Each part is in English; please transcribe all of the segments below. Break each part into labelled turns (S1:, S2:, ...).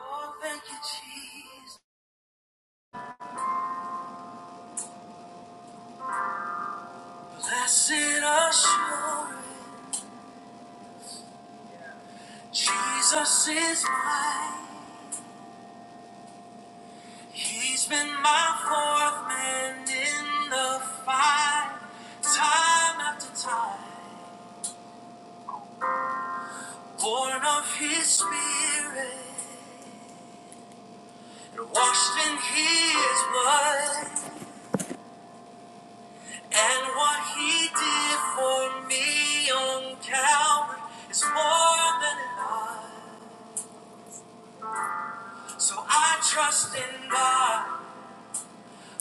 S1: Oh, thank you, Jesus. Blessed assurance, Jesus is mine. He's been my fourth man in the fight, time after time. Born of His Spirit, and washed in His blood, and what He did for me on Calvary is more than enough. So I trust in God.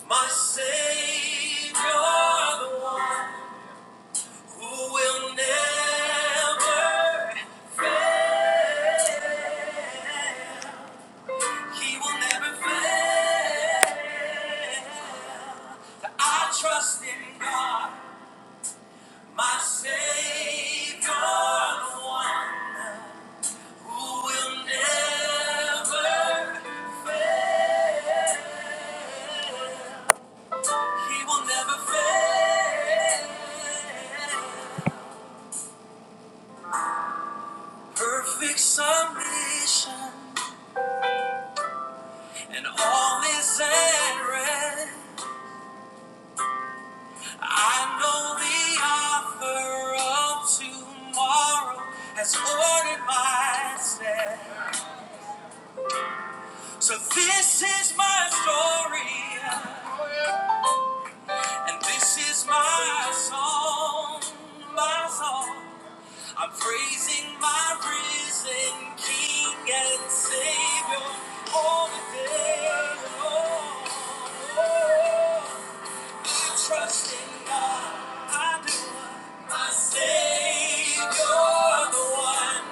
S1: My Savior, the one who will never, he will never fail. I trust in God, my Savior, the one who will never, he will never fail. Perfect submission, and all is at rest. I know the offer of tomorrow has ordered my steps. So this is my story, and this is my song, my song. I'm praising my risen King and Savior all the day long. I trust in God, I do. My Savior, the one.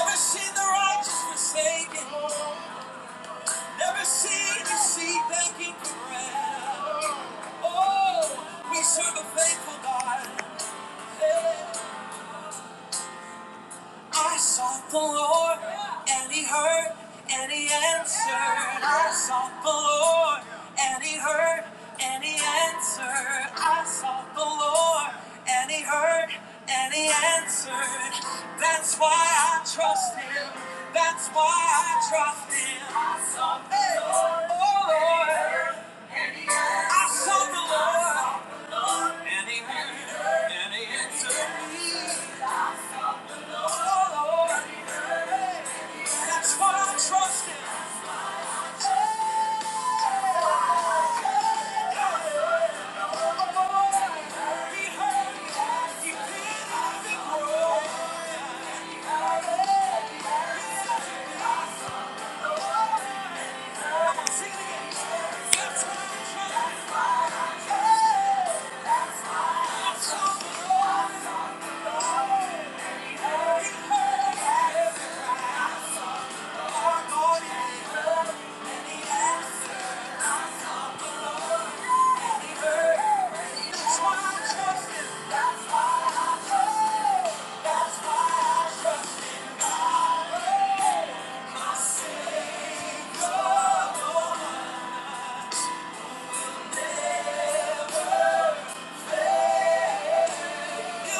S1: Never see the righteous forsaken. Never see the seed begging for bread. Oh, we serve a faithful God. I sought the Lord, and He heard, and He answered. I sought the Lord, and He heard, and He answered. I sought the Lord, and He heard, and He answered. That's why I trust Him. That's why I trust Him. I sought the Lord. Oh Lord, I sought the Lord, and He heard, and He answered. That's what I trust in. He heard me. He did every word. Sing it again. That's what he heard. He heard every word. Lord, he heard. And he answered. I sought the Lord. And he heard. That's why I trust him. That's why I trust him. That's why I trust in God. My Savior, Lord. Thank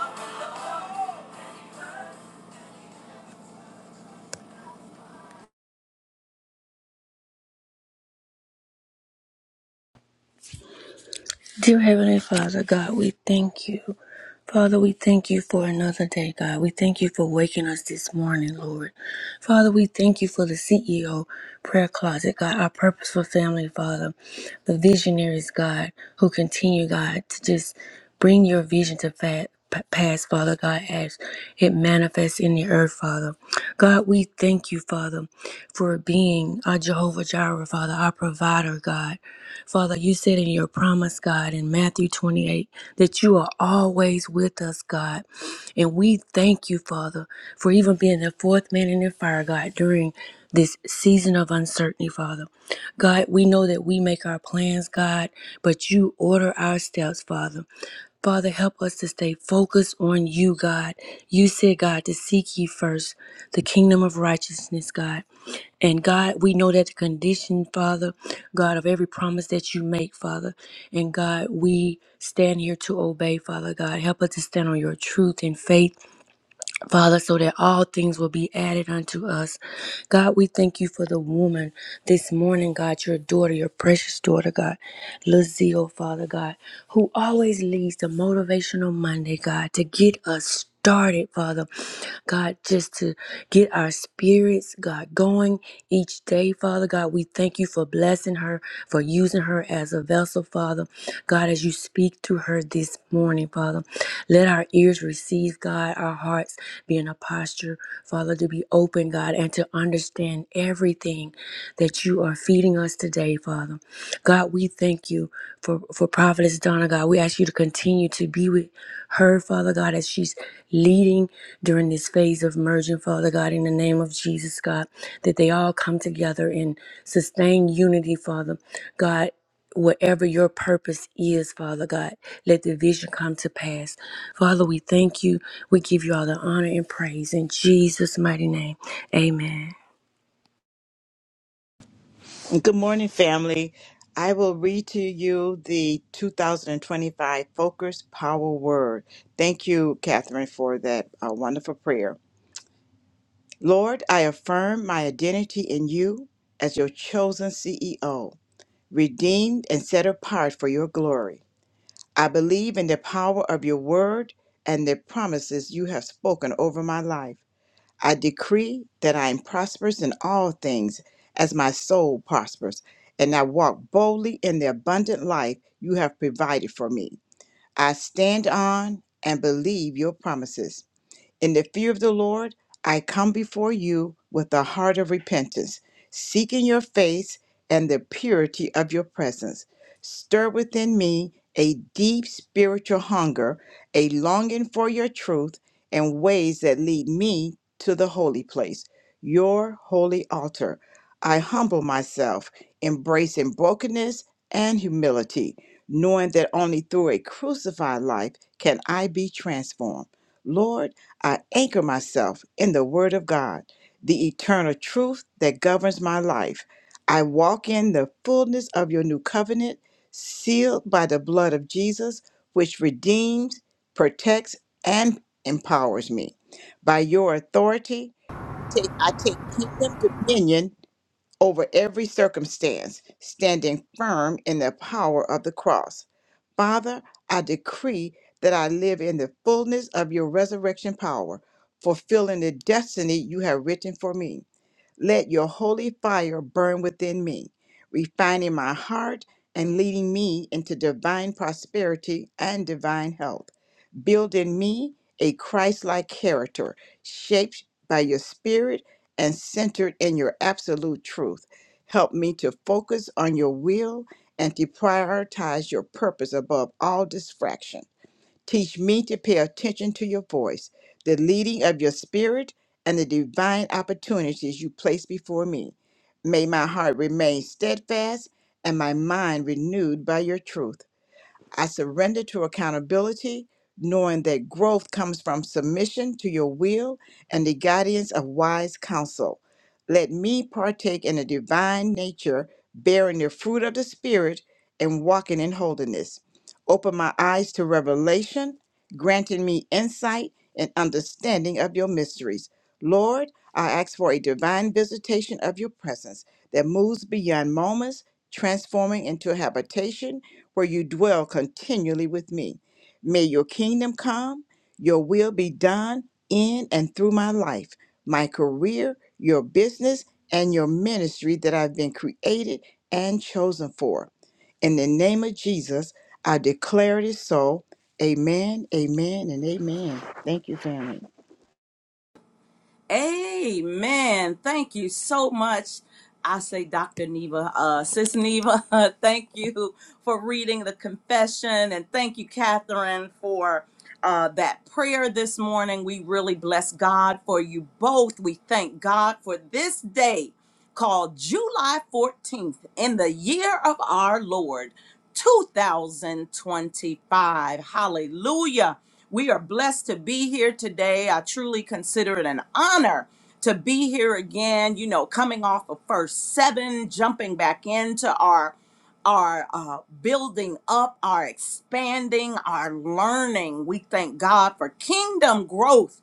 S1: you.
S2: Dear Heavenly Father, God, we thank you. Father, we thank you for another day, God. We thank you for waking us this morning, Lord. Father, we thank you for the CEO prayer closet, God, our purposeful family, Father, the visionaries, God, who continue, God, to just bring your vision to fa- p- pass, Father God, as it manifests in the earth, Father. God, we thank you, Father, for being our Jehovah Jireh, Father, our provider, God. Father, you said in your promise, God, in Matthew 28, that you are always with us, God. And we thank you, Father, for even being the fourth man in the fire, God, during this season of uncertainty, Father. God, we know that we make our plans, God, but you order our steps, Father. Father, help us to stay focused on you, God. You said, God, to seek ye first the kingdom of righteousness, God and God, we know that the condition, Father, God, of every promise that you make, Father. And God, we stand here to obey, Father God. Help us to stand on your truth and faith Father, so that all things will be added unto us. God, we thank you for the woman this morning, God, your daughter, your precious daughter, God, Lizzie, oh, Father God, who always leads the motivational Monday, God, to get us started, Father. God, just to get our spirits, God, going each day, Father God. God, we thank you for blessing her, for using her as a vessel, Father. God, as you speak to her this morning, Father, let our ears receive, God, our hearts be in a posture, Father, to be open, God, and to understand everything that you are feeding us today, Father. God, we thank you for, for Prophetess Donna, God. We ask you to continue to be with her, Father God, as she's leading during this phase of merging, Father God, in the name of Jesus, God, that they all come together in sustained unity, Father God. Whatever your purpose is, Father God, let the vision come to pass. Father, we thank you. We give you all the honor and praise in Jesus' mighty name. Amen.
S3: Good morning, family. I will read to you the 2025 Focus Power Word. Thank you, Catherine, for that uh, wonderful prayer. Lord, I affirm my identity in you as your chosen CEO, redeemed and set apart for your glory. I believe in the power of your word and the promises you have spoken over my life. I decree that I am prosperous in all things as my soul prospers, and I walk boldly in the abundant life you have provided for me. I stand on and believe your promises. In the fear of the Lord, I come before you with a heart of repentance, seeking your face and the purity of your presence. Stir within me a deep spiritual hunger, a longing for your truth and ways that lead me to the holy place, your holy altar. I humble myself, embracing brokenness and humility, knowing that only through a crucified life can I be transformed. Lord, I anchor myself in the Word of God, the eternal truth that governs my life. I walk in the fullness of your new covenant, sealed by the blood of Jesus, which redeems, protects, and empowers me. By your authority, take, I take kingdom dominion over every circumstance, standing firm in the power of the cross. Father, I decree that I live in the fullness of your resurrection power, fulfilling the destiny you have written for me. Let your holy fire burn within me, refining my heart and leading me into divine prosperity and divine health. Build in me a Christ like character shaped by your spirit and centered in your absolute truth. Help me to focus on your will and to prioritize your purpose above all distraction. Teach me to pay attention to your voice, the leading of your spirit, and the divine opportunities you place before me. May my heart remain steadfast and my mind renewed by your truth. I surrender to accountability, knowing that growth comes from submission to your will and the guidance of wise counsel. Let me partake in the divine nature, bearing the fruit of the Spirit and walking in holiness. Open my eyes to revelation, granting me insight and understanding of your mysteries. Lord, I ask for a divine visitation of your presence that moves beyond moments, transforming into habitation where you dwell continually with me. May your kingdom come, your will be done in and through my life, my career, your business, and your ministry that I've been created and chosen for. In the name of Jesus, I declare it is so. Amen, amen, and amen. Thank you, family.
S1: Amen. Thank you so much. I say, Dr. Neva, uh, Sis Neva, thank you for reading the confession. And thank you, Catherine, for uh, that prayer this morning. We really bless God for you both. We thank God for this day called July 14th in the year of our Lord 2025. Hallelujah. We are blessed to be here today. I truly consider it an honor to be here again, you know, coming off of first seven, jumping back into our our uh, building up, our expanding, our learning. We thank God for kingdom growth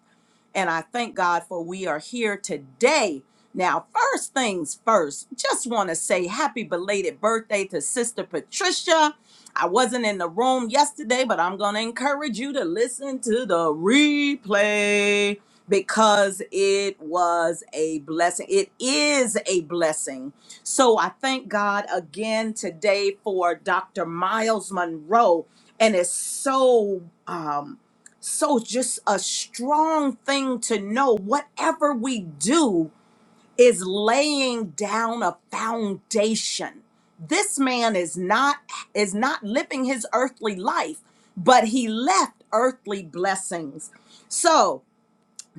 S1: and I thank God for we are here today. Now, first things first, just want to say happy belated birthday to Sister Patricia. I wasn't in the room yesterday, but I'm going to encourage you to listen to the replay because it was a blessing. It is a blessing. So I thank God again today for Dr. Miles Monroe. And it's so. Um, so, just a strong thing to know whatever we do is laying down a foundation. This man is not is not living his earthly life, but he left earthly blessings. So,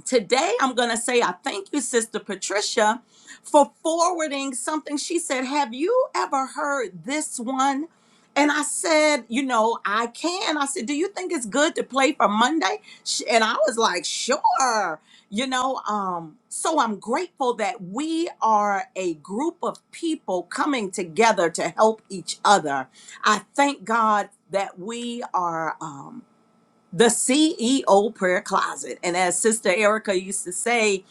S1: today I'm going to say I thank you, Sister Patricia, for forwarding something. She said, Have you ever heard this one? And I said, You know, I can. I said, Do you think it's good to play for Monday? Sh- And I was like, Sure. You know, um, so I'm grateful that we are a group of people coming together to help each other. I thank God that we are. Um, the CEO prayer closet. And as Sister Erica used to say,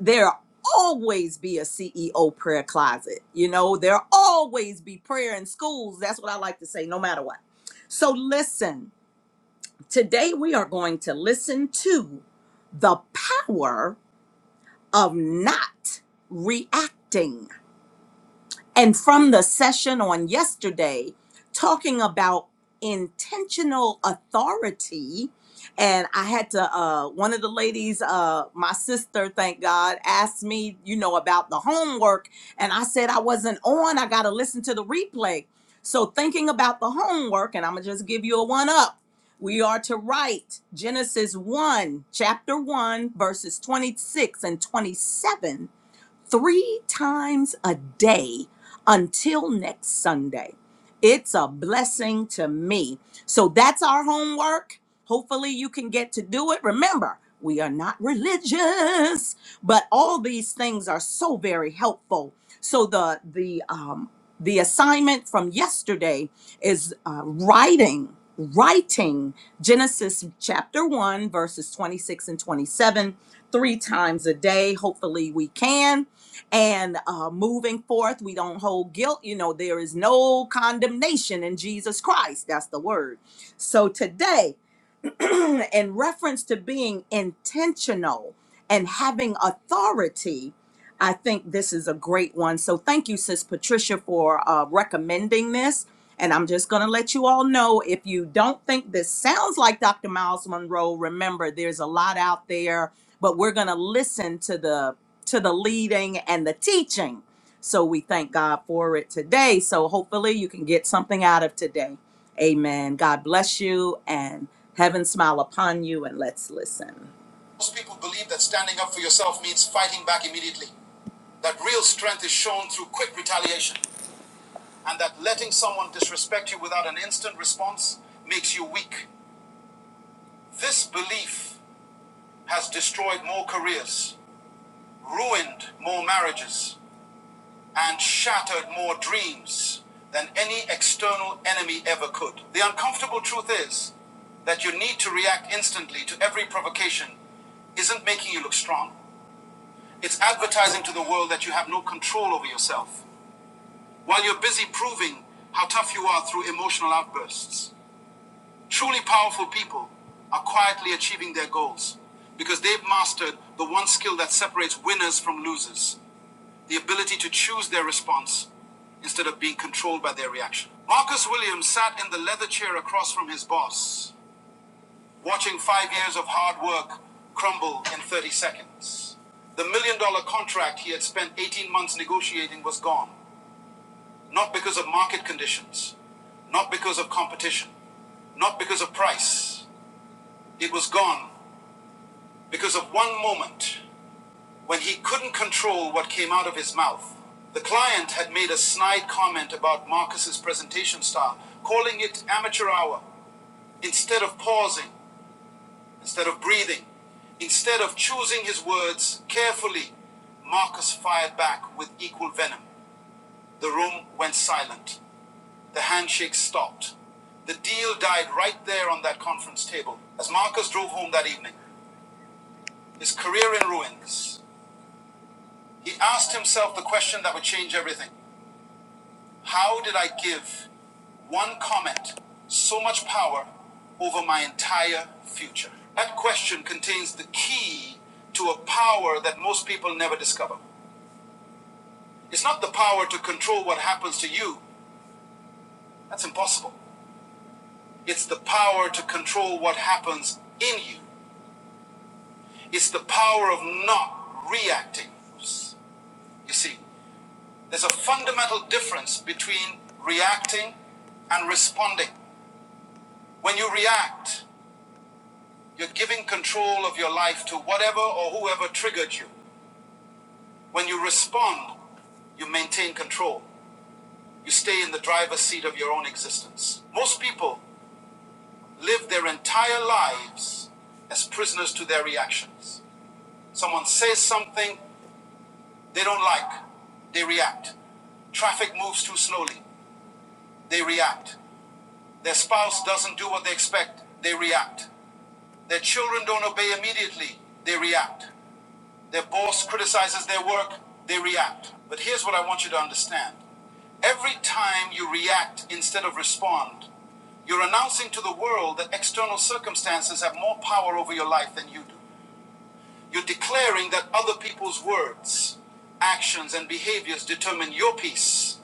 S1: there always be a CEO prayer closet. You know, there always be prayer in schools. That's what I like to say, no matter what. So listen, today we are going to listen to the power of not reacting and from the session on yesterday talking about intentional authority and i had to uh one of the ladies uh my sister thank god asked me you know about the homework and i said i wasn't on i gotta listen to the replay so thinking about the homework and i'm gonna just give you a one up we are to write genesis 1 chapter 1 verses 26 and 27 three times a day until next Sunday. It's a blessing to me. So that's our homework. Hopefully, you can get to do it. Remember, we are not religious, but all these things are so very helpful. So the the um, the assignment from yesterday is uh, writing writing Genesis chapter one verses twenty six and twenty seven three times a day. Hopefully, we can and uh, moving forth. We don't hold guilt. You know, there is no condemnation in Jesus Christ. That's the word. So today, in reference to being intentional and having authority, I think this is a great one. So thank you, Sis Patricia, for uh, recommending this. And I'm just going to let you all know if you don't think this sounds like Dr. Miles Monroe, remember there's a lot out there, but we're going to listen to the to the leading and the teaching. So we thank God for it today. So hopefully you can get something out of today. Amen. God bless you and heaven smile upon you and let's listen. Most people believe that standing up for yourself means fighting back immediately, that real strength is shown through quick retaliation, and that letting someone disrespect you without an instant response makes you weak. This belief has destroyed more careers, ruined more marriages, and shattered more dreams than any external enemy ever could. The uncomfortable truth is that you need to react instantly to every provocation isn't making you look strong. It's advertising to the world that you have no control over yourself while you're busy proving how tough you are through emotional outbursts. Truly powerful people are quietly achieving their goals because they've mastered the one skill that separates winners from losers the ability to choose their response instead of being controlled by their reaction. Marcus Williams sat in the leather chair across from his boss watching five years of hard work crumble in 30 seconds. The million dollar contract he had spent 18 months negotiating was gone, not because of market conditions, not because of competition, not because of price. It was gone because of one moment when he couldn't control what came out of his mouth. The client had made a snide comment about Marcus's presentation style, calling it amateur hour instead of pausing instead of breathing, instead of choosing his words carefully, Marcus fired back with equal venom. The room went silent. The handshake stopped. The deal died right there on that conference table. As Marcus drove home that evening, his career in ruins, he asked himself the question that would change everything How did I give one comment so much power over my entire future? That question contains the key to a power that most people never discover. It's not the power to control what happens to you, that's impossible. It's the power to control what happens in you, it's the power of not reacting. You see, there's a fundamental difference between reacting and responding. When you react, You're giving control of your life to whatever or whoever triggered you. When you respond, you maintain control. You stay in the driver's seat of your own existence. Most people live their entire lives as prisoners to their reactions. Someone says something they don't like, they react. Traffic moves too slowly, they react. Their spouse doesn't do what they expect, they react. Their children don't obey immediately, they react. Their boss criticizes their work, they react. But here's what I want you to understand every time you react instead of respond, you're announcing to the world that external circumstances have more power over your life than you do. You're declaring that other people's words, actions, and behaviors determine your peace,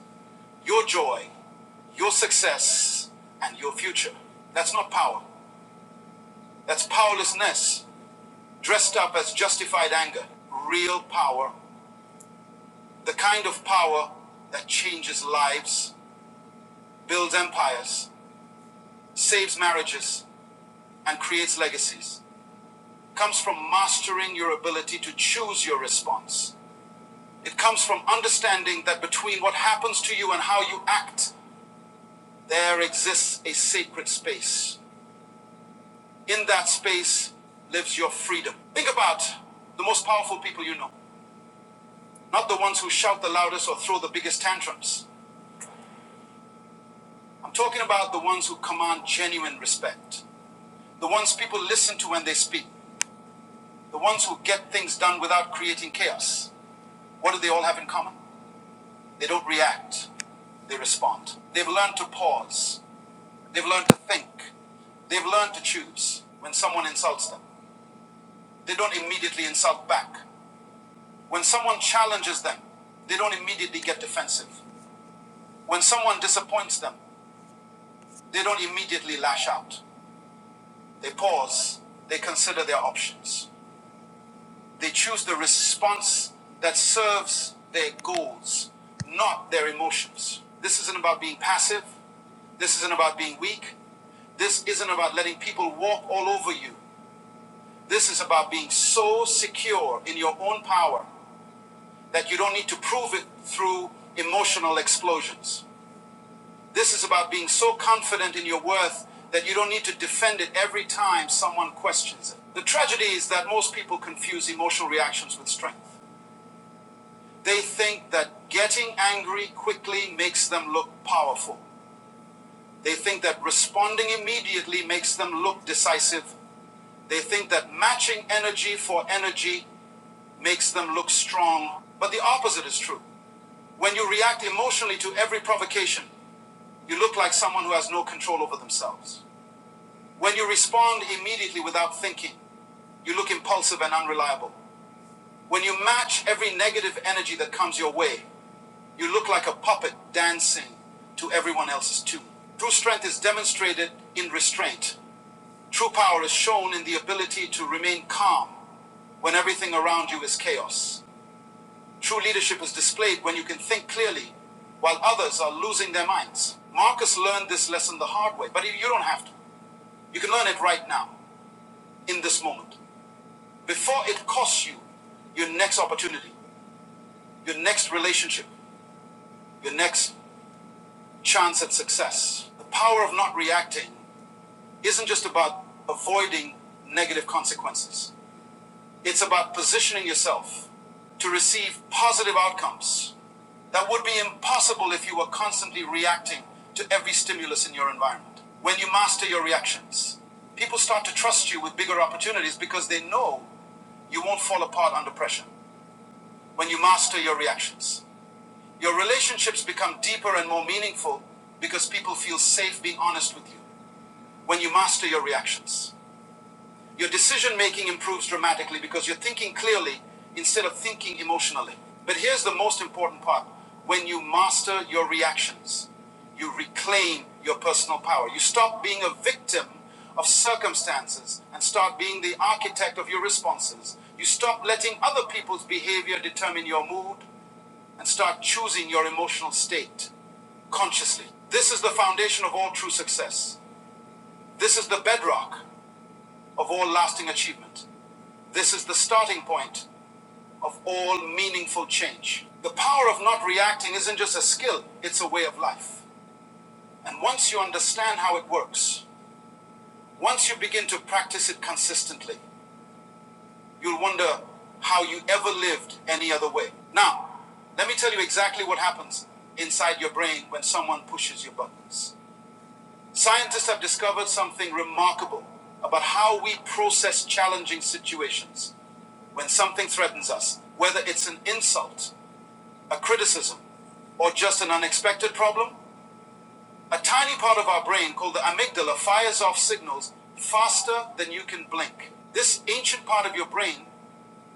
S1: your joy, your success, and your future. That's not power. That's powerlessness dressed up as justified anger. Real power The kind of power that changes lives, builds empires, saves marriages, and creates legacies comes from mastering your ability to choose your response. It comes from understanding that between what happens to you and how you act, there exists a sacred space. In that space lives your freedom. Think about the most powerful people you know, not the ones who shout the loudest or throw the biggest tantrums. I'm talking about the ones who command genuine respect. the ones people listen to when they speak, the ones who get things done without creating chaos. What do they all have in common? They don't react, they respond. They've learned to pause, they've learned to think, they've learned to choose when someone insults them. They don't immediately insult back. When someone challenges them, they don't immediately get defensive. When someone disappoints them, they don't immediately lash out. They pause, they consider their options. They choose the response that serves their goals, not their emotions. This isn't about being passive. This isn't about being weak. This isn't about letting people walk all over you. This is about being so secure in your own power that you don't need to prove it through emotional explosions. This is about being so confident in your worth that you don't need to defend it every time someone questions it. The tragedy is that most people confuse emotional reactions with strength. They think that getting angry quickly makes them look powerful. They think that responding immediately makes them look decisive. They think that matching energy for energy makes them look strong. But the opposite is true. When you react emotionally to every provocation, you look like someone who has no control over themselves. When you respond immediately without thinking, you look impulsive and unreliable. When you match every negative energy that comes your way, you look like a puppet dancing to everyone else's tune. True strength is demonstrated in restraint. True power is shown in the ability to remain calm when everything around you is chaos. True leadership is displayed when you can think clearly while others are losing their minds. Marcus learned this lesson the hard way, but you don't have to. You can learn it right now, in this moment, before it costs you your next opportunity. your next relationship, your next chance at success. The power of not reacting isn't just about avoiding negative consequences, it's about positioning yourself to receive positive outcomes that would be impossible if you were constantly reacting to every stimulus in your environment. When you master your reactions, people start to trust you with bigger opportunities because they know you won't fall apart under pressure when you master your reactions. Your relationships become deeper and more meaningful because people feel safe being honest with you when you master your reactions. Your decision making improves dramatically because you're thinking clearly instead of thinking emotionally. But here's the most important part when you master your reactions, you reclaim your personal power. You stop being a victim of circumstances and start being the architect of your responses. You stop letting other people's behavior determine your mood and start choosing your emotional state consciously. This is the foundation of all true success. This is the bedrock of all lasting achievement. This is the starting point of all meaningful change. The power of not reacting isn't just a skill, it's a way of life. And once you understand how it works, once you begin to practice it consistently, you'll wonder how you ever lived any other way. Now, let me tell you exactly what happens inside your brain when someone pushes your buttons. Scientists have discovered something remarkable about how we process challenging situations. When something threatens us, whether it's an insult, a criticism, or just an unexpected problem, a tiny part of our brain called the amygdala fires off signals faster than you can blink. This ancient part of your brain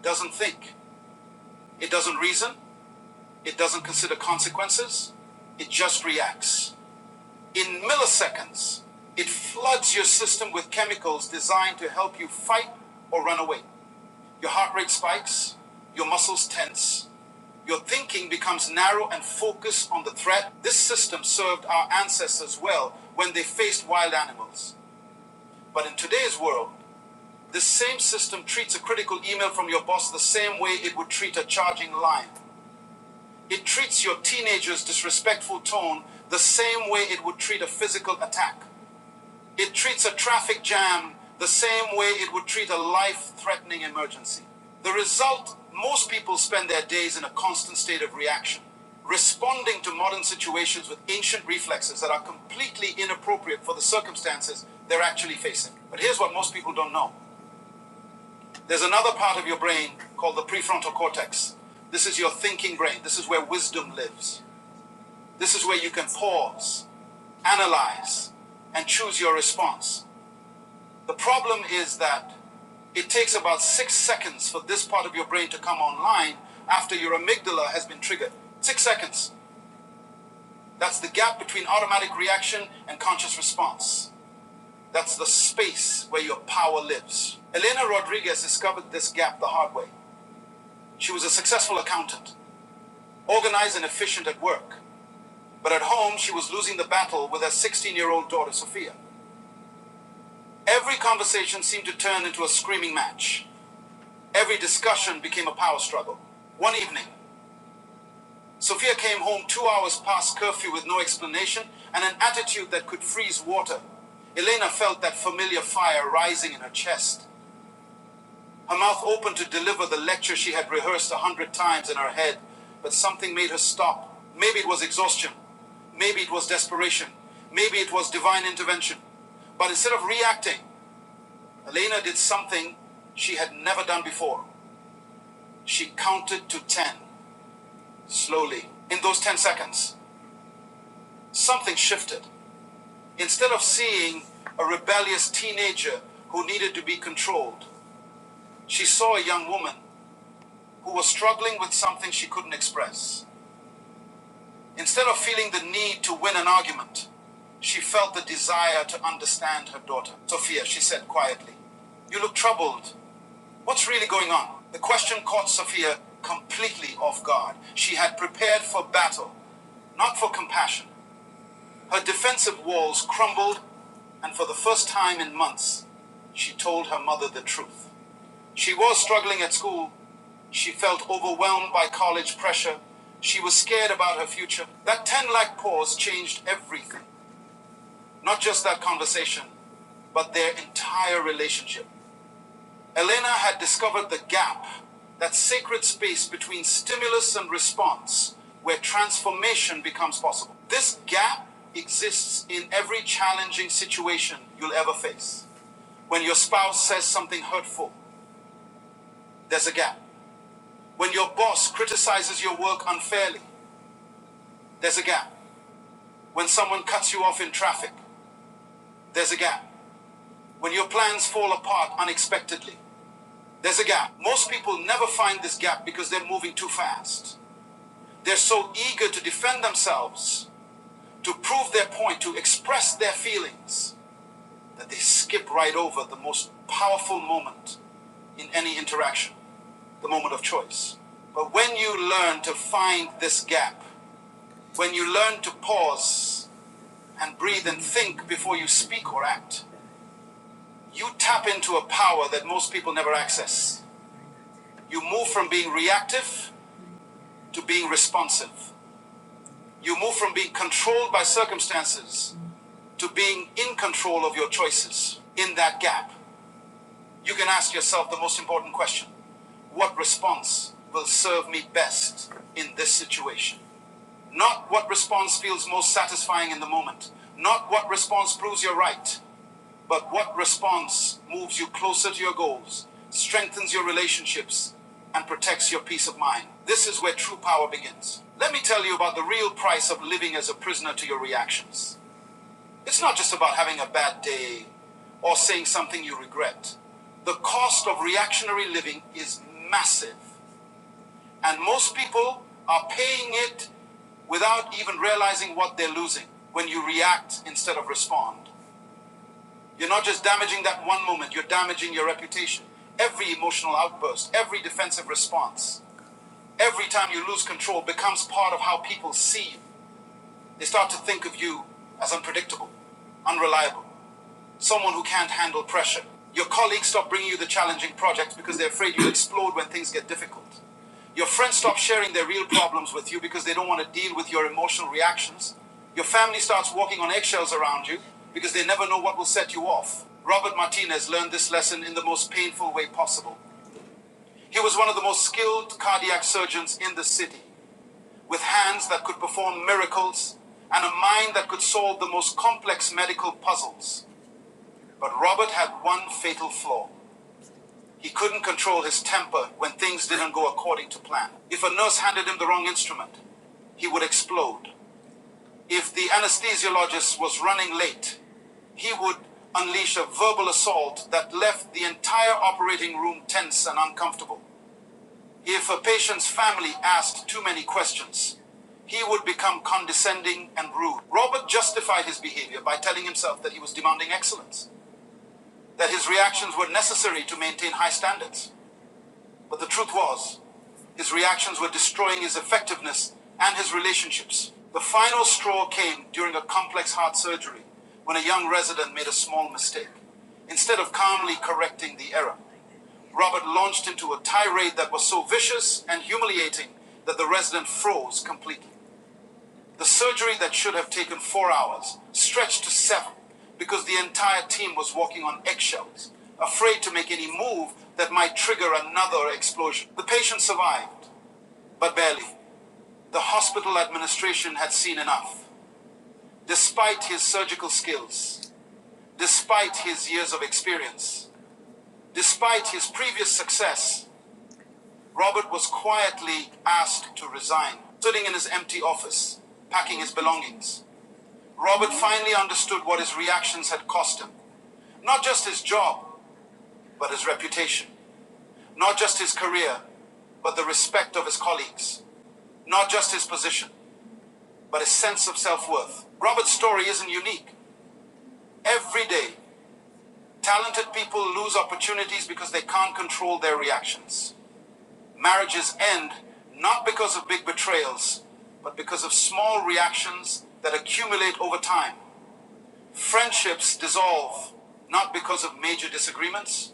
S1: doesn't think, it doesn't reason, it doesn't consider consequences, it just reacts. In milliseconds, it floods your system with chemicals designed to help you fight or run away. Your heart rate spikes, your muscles tense, your thinking becomes narrow and focused on the threat. This system served our ancestors well when they faced wild animals. But in today's world, this same system treats a critical email from your boss the same way it would treat a charging lion. It treats your teenager's disrespectful tone the same way it would treat a physical attack. It treats a traffic jam the same way it would treat a life threatening emergency. The result most people spend their days in a constant state of reaction, responding to modern situations with ancient reflexes that are completely inappropriate for the circumstances they're actually facing. But here's what most people don't know there's another part of your brain called the prefrontal cortex. This is your thinking brain, this is where wisdom lives, this is where you can pause analyze, and choose your response. The problem is that it takes about six seconds for this part of your brain to come online after your amygdala has been triggered. Six seconds. That's the gap between automatic reaction and conscious response. That's the space where your power lives. Elena Rodriguez discovered this gap the hard way. She was a successful accountant, organized and efficient at work. But at home, she was losing the battle with her 16 year old daughter, Sophia. Every conversation seemed to turn into a screaming match. Every discussion became a power struggle. One evening, Sophia came home two hours past curfew with no explanation and an attitude that could freeze water. Elena felt that familiar fire rising in her chest. Her mouth opened to deliver the lecture she had rehearsed a hundred times in her head, but something made her stop. Maybe it was exhaustion. Maybe it was desperation. Maybe it was divine intervention. But instead of reacting, Elena did something she had never done before. She counted to ten. Slowly, in those 10 seconds, something shifted. Instead of seeing a rebellious teenager who needed to be controlled, she saw a young woman who was struggling with something she couldn't express. Instead of feeling the need to win an argument, she felt the desire to understand her daughter. Sophia, she said quietly, You look troubled. What's really going on? The question caught Sophia completely off guard. She had prepared for battle, not for compassion. Her defensive walls crumbled, and for the first time in months, she told her mother the truth. She was struggling at school. She felt overwhelmed by college pressure. She was scared about her future. That 10 lakh pause changed everything. Not just that conversation, but their entire relationship. Elena had discovered the gap, that sacred space between stimulus and response, where transformation becomes possible. This gap exists in every challenging situation you'll ever face. When your spouse says something hurtful, there's a gap. When your boss criticizes your work unfairly, there's a gap. When someone cuts you off in traffic, there's a gap. When your plans fall apart unexpectedly, there's a gap. Most people never find this gap because they're moving too fast. They're so eager to defend themselves, to prove their point, to express their feelings, that they skip right over the most powerful moment in any interaction, the moment of choice. But when you learn to find this gap, when you learn to pause and breathe and think before you speak or act, you tap into a power that most people never access. You move from being reactive to being responsive. You move from being controlled by circumstances to being in control of your choices. In that gap, you can ask yourself the most important question What response will serve me best in this situation? Not what response feels most satisfying in the moment. Not what response proves you're right. But what response moves you closer to your goals, strengthens your relationships, and protects your peace of mind? This is where true power begins. Let me tell you about the real price of living as a prisoner to your reactions. It's not just about having a bad day or saying something you regret. The cost of reactionary living is massive. And most people are paying it without even realizing what they're losing when you react instead of respond. You're not just damaging that one moment, you're damaging your reputation. Every emotional outburst, every defensive response, every time you lose control becomes part of how people see you. They start to think of you as unpredictable, unreliable someone who can't handle pressure. Your colleagues stop bringing you the challenging projects because they're afraid you'll explode when things get difficult. Your friends stop sharing their real problems with you because they don't want to deal with your emotional reactions. Your family starts walking on eggshells around you because they never know what will set you off. Robert Martinez learned this lesson in the most painful way possible. He was one of the most skilled cardiac surgeons in the city, with hands that could perform miracles and a mind that could solve the most complex medical puzzles. But Robert had one fatal flaw. He couldn't control his temper when things didn't go according to plan. If a nurse handed him the wrong instrument, he would explode. If the anesthesiologist was running late, he would unleash a verbal assault that left the entire operating room tense and uncomfortable. If a patient's family asked too many questions, he would become condescending and rude. Robert justified his behavior by telling himself that he was demanding excellence that his reactions were necessary to maintain high standards. But the truth was, his reactions were destroying his effectiveness and his relationships. The final straw came during a complex heart surgery when a young resident made a small mistake. Instead of calmly correcting the error, Robert launched into a tirade that was so vicious and humiliating that the resident froze completely. The surgery that should have taken four hours stretched to seven because the entire team was walking on eggshells, afraid to make any move that might trigger another explosion. The patient survived, but barely. The hospital administration had seen enough. Despite his surgical skills, despite his years of experience, despite his previous success, Robert was quietly asked to resign, sitting in his empty office, packing his belongings. Robert finally understood what his reactions had cost him. Not just his job, but his reputation. Not just his career, but the respect of his colleagues. Not just his position, but his sense of self worth. Robert's story isn't unique. Every day, talented people lose opportunities because they can't control their reactions. Marriages end not because of big betrayals, but because of small reactions that accumulate over time. Friendships dissolve not because of major disagreements,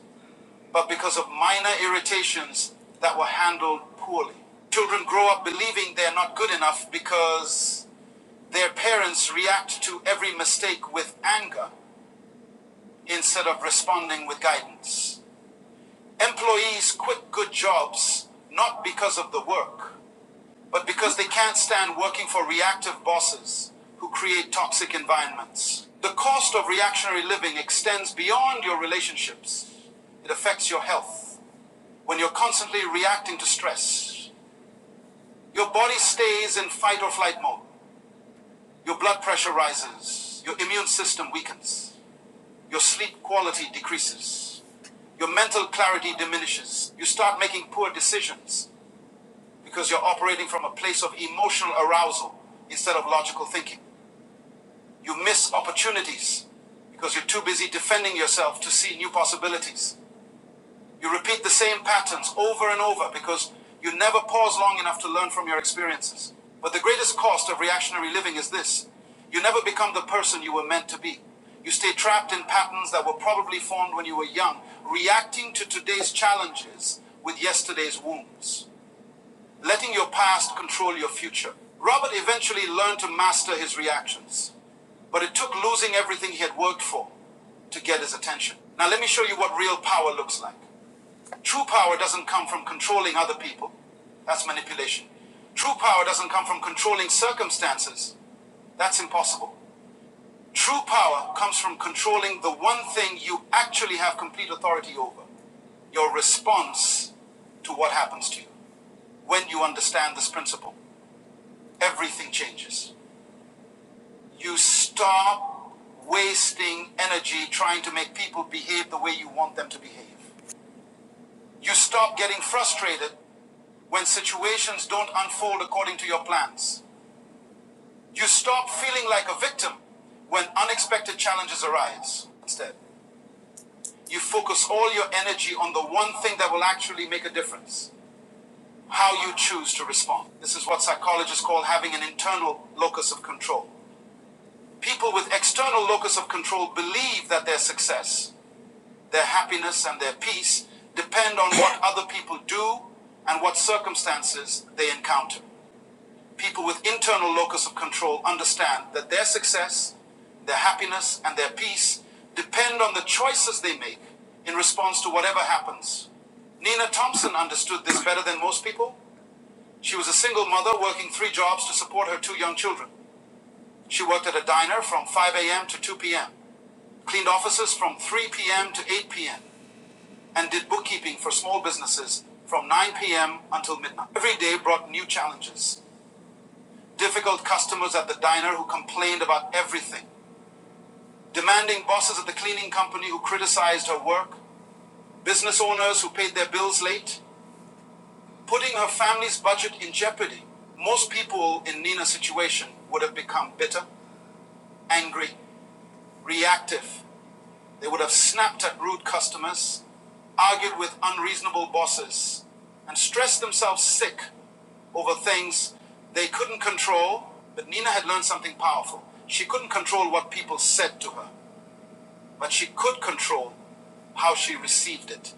S1: but because of minor irritations that were handled poorly. Children grow up believing they're not good enough because their parents react to every mistake with anger instead of responding with guidance. Employees quit good jobs not because of the work, but because they can't stand working for reactive bosses who create toxic environments. The cost of reactionary living extends beyond your relationships. It affects your health. When you're constantly reacting to stress, your body stays in fight or flight mode. Your blood pressure rises. Your immune system weakens. Your sleep quality decreases. Your mental clarity diminishes. You start making poor decisions because you're operating from a place of emotional arousal instead of logical thinking. You miss opportunities because you're too busy defending yourself to see new possibilities. You repeat the same patterns over and over because you never pause long enough to learn from your experiences. But the greatest cost of reactionary living is this you never become the person you were meant to be. You stay trapped in patterns that were probably formed when you were young, reacting to today's challenges with yesterday's wounds letting your past control your future. Robert eventually learned to master his reactions, but it took losing everything he had worked for to get his attention. Now, let me show you what real power looks like. True power doesn't come from controlling other people, that's manipulation. True power doesn't come from controlling circumstances, that's impossible. True power comes from controlling the one thing you actually have complete authority over your response to what happens to you when you understand this principle, everything changes. You stop wasting energy trying to make people behave the way you want them to behave. You stop getting frustrated when situations don't unfold according to your plans. You stop feeling like a victim when unexpected challenges arise. Instead, you focus all your energy on the one thing that will actually make a difference how you choose to respond. This is what psychologists call having an internal locus of control. People with external locus of control believe that their success, their happiness, and their peace depend on what other people do and what circumstances they encounter. People with internal locus of control understand that their success, their happiness, and their peace depend on the choices they make in response to whatever happens. Nina Thompson understood this better than most people. She was a single mother working three jobs to support her two young children. She worked at a diner from 5 a.m. to 2 p.m., cleaned offices from 3 p.m. to 8 p.m., and did bookkeeping for small businesses from 9 p.m. until midnight. Every day brought new challenges. Difficult customers at the diner who complained about everything, demanding bosses at the cleaning company who criticized her work, business owners who paid their bills late, putting her family's budget in jeopardy. Most people in Nina's situation would have become bitter, angry, reactive, They would have snapped at rude customers, argued with unreasonable bosses, and stressed themselves sick over things they couldn't control. But Nina had learned something powerful. She couldn't control what people said to her, but she could control how she received it.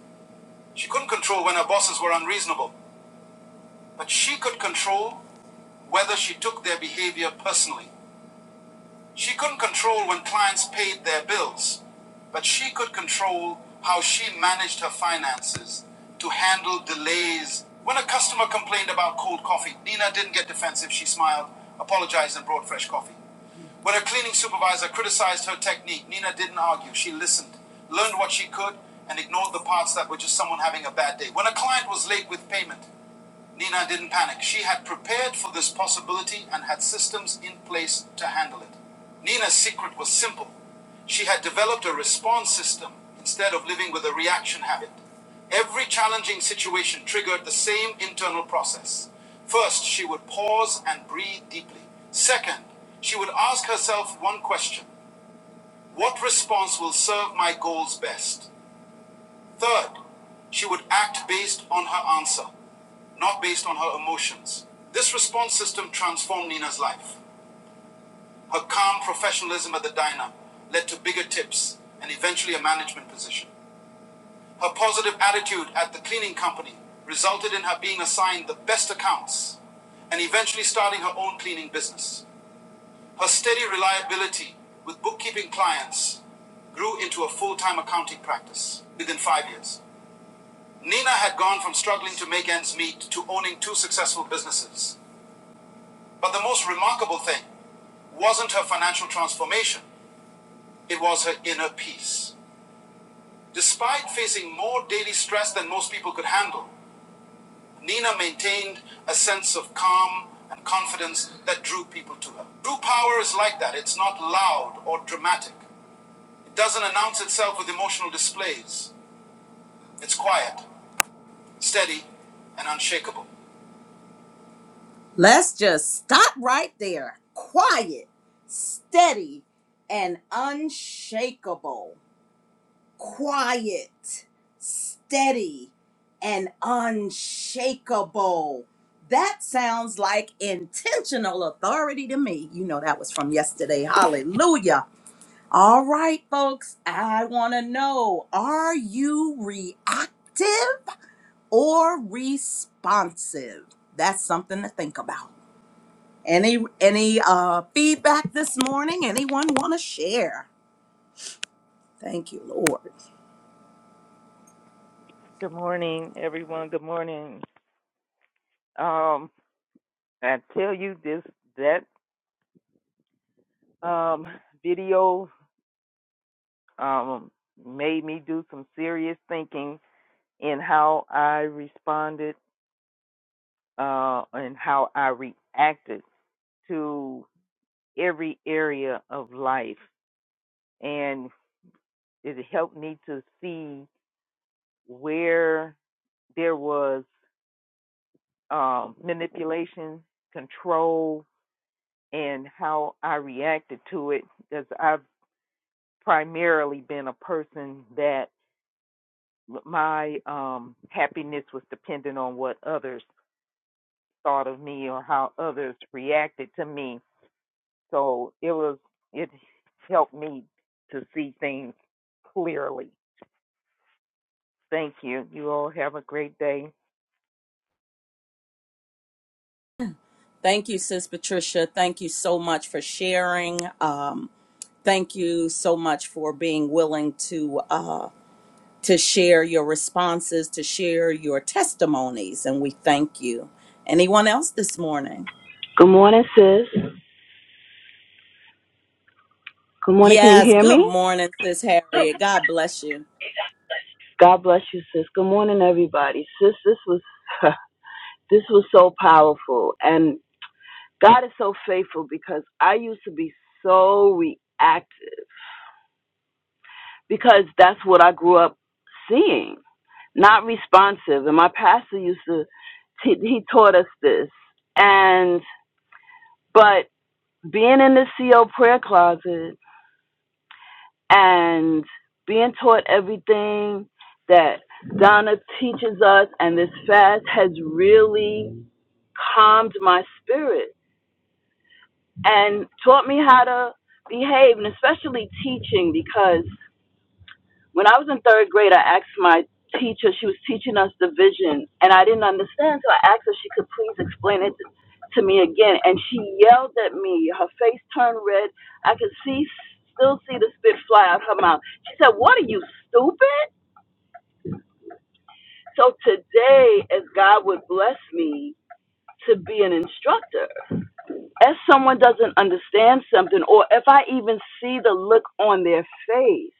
S1: She couldn't control when her bosses were unreasonable, but she could control whether she took their behavior personally. She couldn't control when clients paid their bills, but she could control how she managed her finances to handle delays. When a customer complained about cold coffee, Nina didn't get defensive. She smiled, apologized, and brought fresh coffee. When her cleaning supervisor criticized her technique, Nina didn't argue. She listened, learned what she could, and ignored the parts that were just someone having a bad day. When a client was late with payment, Nina didn't panic. She had prepared for this possibility and had systems in place to handle it. Nina's secret was simple. She had developed a response system instead of living with a reaction habit. Every challenging situation triggered the same internal process. First, she would pause and breathe deeply. Second, she would ask herself one question What response will serve my goals best? Third, she would act based on her answer, not based on her emotions. This response system transformed Nina's life. Her calm professionalism at the diner led to bigger tips and eventually a management position. Her positive attitude at the cleaning company resulted in her being assigned the best accounts and eventually starting her own cleaning business. Her steady reliability with bookkeeping clients grew into a full time accounting practice within five years. Nina had gone from struggling to make ends meet to owning two successful businesses. But the most remarkable thing wasn't her financial transformation, it was her inner peace. Despite facing more daily stress than most people could handle, Nina maintained a sense of calm and confidence that drew people to her. True power is like that it's not loud or dramatic, it doesn't announce itself with emotional displays. It's quiet, steady, and unshakable. Let's just stop right there. Quiet, steady, and unshakable. Quiet, steady, and unshakable. That sounds like intentional authority to me. You know, that was from yesterday. Hallelujah. All right, folks, I want to know are you reactive or responsive? That's something to think about. Any any uh feedback this morning? Anyone want to share? Thank you, Lord.
S4: Good morning, everyone. Good morning. Um, I tell you this that um video um made me do some serious thinking in how I responded uh and how I reacted to every area of life and it helped me to see where there was um manipulation, control, and how I reacted to it because I've primarily been a person that my um, happiness was dependent on what others thought of me or how others reacted to me. So it was it helped me to see things clearly. Thank you. You all have a great day.
S1: Thank you, Sis Patricia. Thank you so much for sharing. Um, thank you so much for being willing to uh to share your responses, to share your testimonies, and we thank you. Anyone else this morning?
S5: Good morning, sis. Good morning. Can you
S1: Yes,
S5: hear
S1: good
S5: me?
S1: morning, Sis Harriet. God bless you.
S5: God bless you, sis. Good morning, everybody. Sis, this was this was so powerful, and God is so faithful because I used to be so reactive because that's what I grew up seeing, not responsive. And my pastor used to he, he taught us this, and but being in the CO prayer closet and being taught everything that Donna teaches us and this fast has really calmed my spirit and taught me how to behave and especially teaching because when I was in third grade, I asked my teacher, she was teaching us division, and I didn't understand, so I asked her if she could please explain it to me again. And she yelled at me. Her face turned red. I could see, still see the spit fly out her mouth. She said, What are you, stupid? So today, as God would bless me to be an instructor, if someone doesn't understand something, or if I even see the look on their face,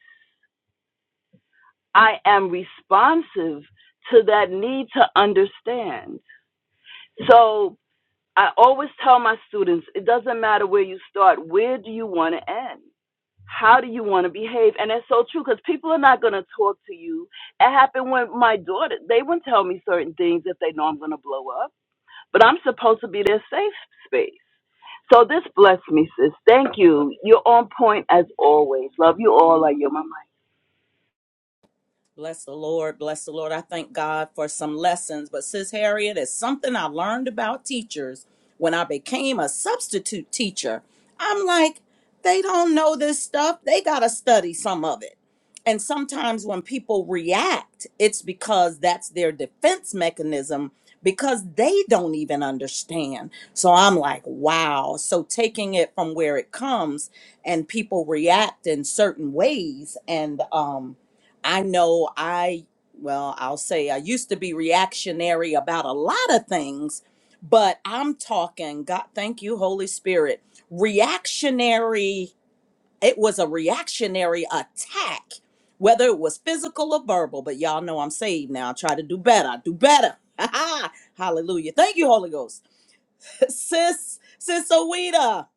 S5: I am responsive to that need to understand. So I always tell my students it doesn't matter where you start, where do you want to end? How do you want to behave? And that's so true because people are not going to talk to you. It happened when my daughter, they wouldn't tell me certain things if they know I'm going to blow up, but I'm supposed to be their safe space. So this blessed me, sis. Thank you. You're on point as always. Love you all. I yield my mic.
S1: Bless the Lord. Bless the Lord. I thank God for some lessons. But, Sis Harriet, it's something I learned about teachers when I became a substitute teacher. I'm like, they don't know this stuff. They got to study some of it. And sometimes when people react, it's because that's their defense mechanism because they don't even understand. So I'm like, wow. So taking it from where it comes and people react in certain ways and, um, I know I, well, I'll say I used to be reactionary about a lot of things, but I'm talking, God, thank you, Holy Spirit, reactionary. It was a reactionary attack, whether it was physical or verbal, but y'all know I'm saved now. I try to do better, I do better. Hallelujah. Thank you, Holy Ghost. Sis, Sis Awita,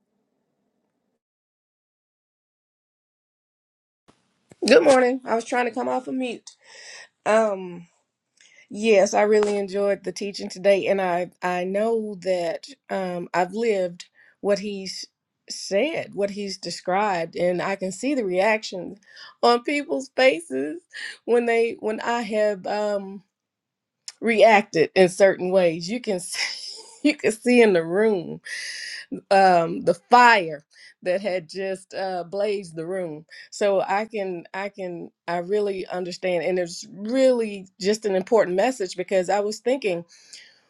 S6: Good morning. I was trying to come off of mute. Um, yes, I really enjoyed the teaching today, and I I know that um, I've lived what he's said, what he's described, and I can see the reaction on people's faces when they when I have um, reacted in certain ways. You can see, you can see in the room um, the fire that had just uh, blazed the room. So I can, I can, I really understand, and it's really just an important message because I was thinking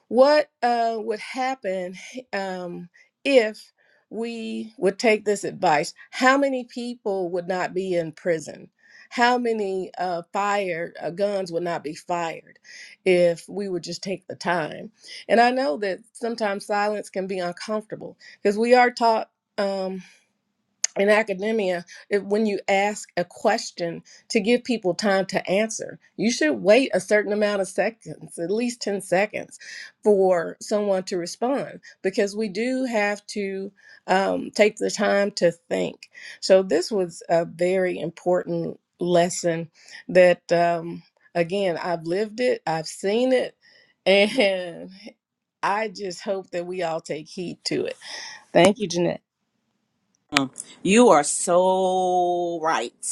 S6: what uh, would happen um, if we would take this advice? How many people would not be in prison? How many uh, fire uh, guns would not be fired if we would just take the time? And I know that sometimes silence can be uncomfortable because we are taught. Um, in academia, if, when you ask a question to give people time to answer, you should wait a certain amount of seconds, at least 10 seconds, for someone to respond because we do have to um, take the time to think. So, this was a very important lesson that, um, again, I've lived it, I've seen it, and I just hope that we all take heed to it. Thank you, Jeanette.
S1: you are so right.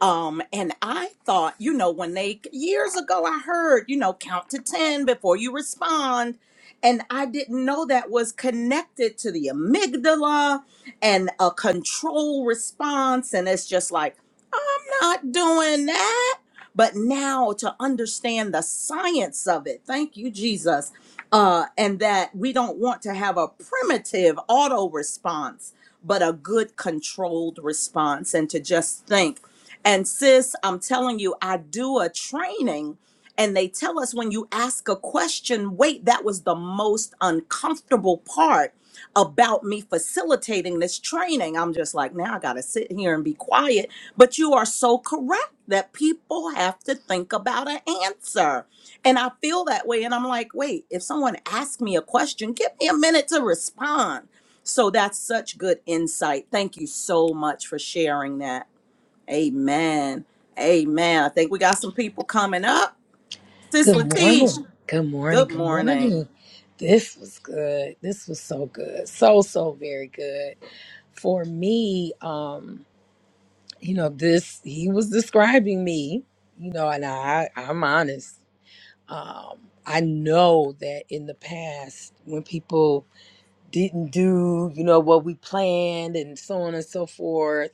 S1: Um, and I thought, you know, when they years ago, I heard, you know, count to 10 before you respond. And I didn't know that was connected to the amygdala and a control response. And it's just like, I'm not doing that. But now to understand the science of it, thank you, Jesus, uh, and that we don't want to have a primitive auto response, but a good controlled response. And to just think, and sis, I'm telling you, I do a training and they tell us when you ask a question, wait, that was the most uncomfortable part about me facilitating this training. I'm just like, now I got to sit here and be quiet. But you are so correct that people have to think about an answer. And I feel that way. And I'm like, wait, if someone asks me a question, give me a minute to respond. So that's such good insight. Thank you so much for sharing that. Amen. Amen. I think we got some people coming up. Sis
S7: Good
S1: Latish,
S7: morning. Good morning.
S1: good
S7: Good
S1: morning.
S7: morning. This was good. This was so good. So so very good. For me, um, you know, this he was describing me, you know, and I I'm honest. Um, I know that in the past when people didn't do, you know, what we planned and so on and so forth,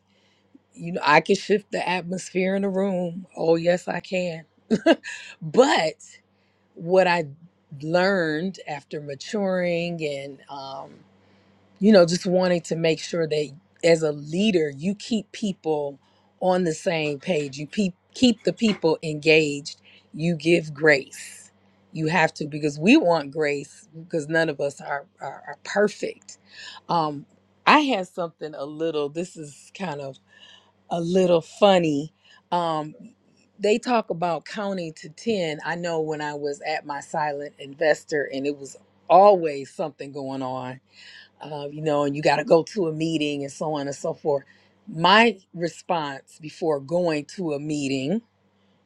S7: you know, I can shift the atmosphere in the room. Oh yes, I can. but what I learned after maturing and, um, you know, just wanting to make sure that as a leader, you keep people on the same page, you pe- keep the people engaged, you give grace. You have to because we want grace because none of us are, are, are perfect. Um, I had something a little, this is kind of a little funny. Um, they talk about counting to 10. I know when I was at my silent investor, and it was always something going on, uh, you know, and you got to go to a meeting and so on and so forth. My response before going to a meeting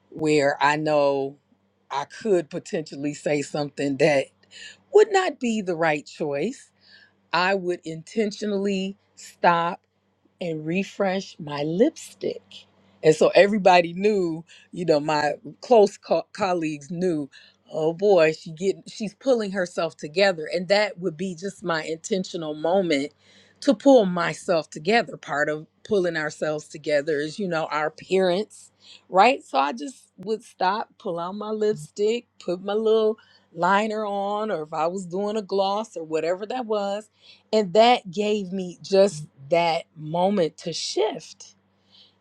S7: where I know I could potentially say something that would not be the right choice, I would intentionally stop and refresh my lipstick. And so everybody knew, you know, my close co- colleagues knew, oh boy, she get she's pulling herself together and that would be just my intentional moment to pull myself together. Part of pulling ourselves together is, you know, our appearance, right? So I just would stop, pull out my lipstick, put my little liner on or if I was doing a gloss or whatever that was and that gave me just that moment to shift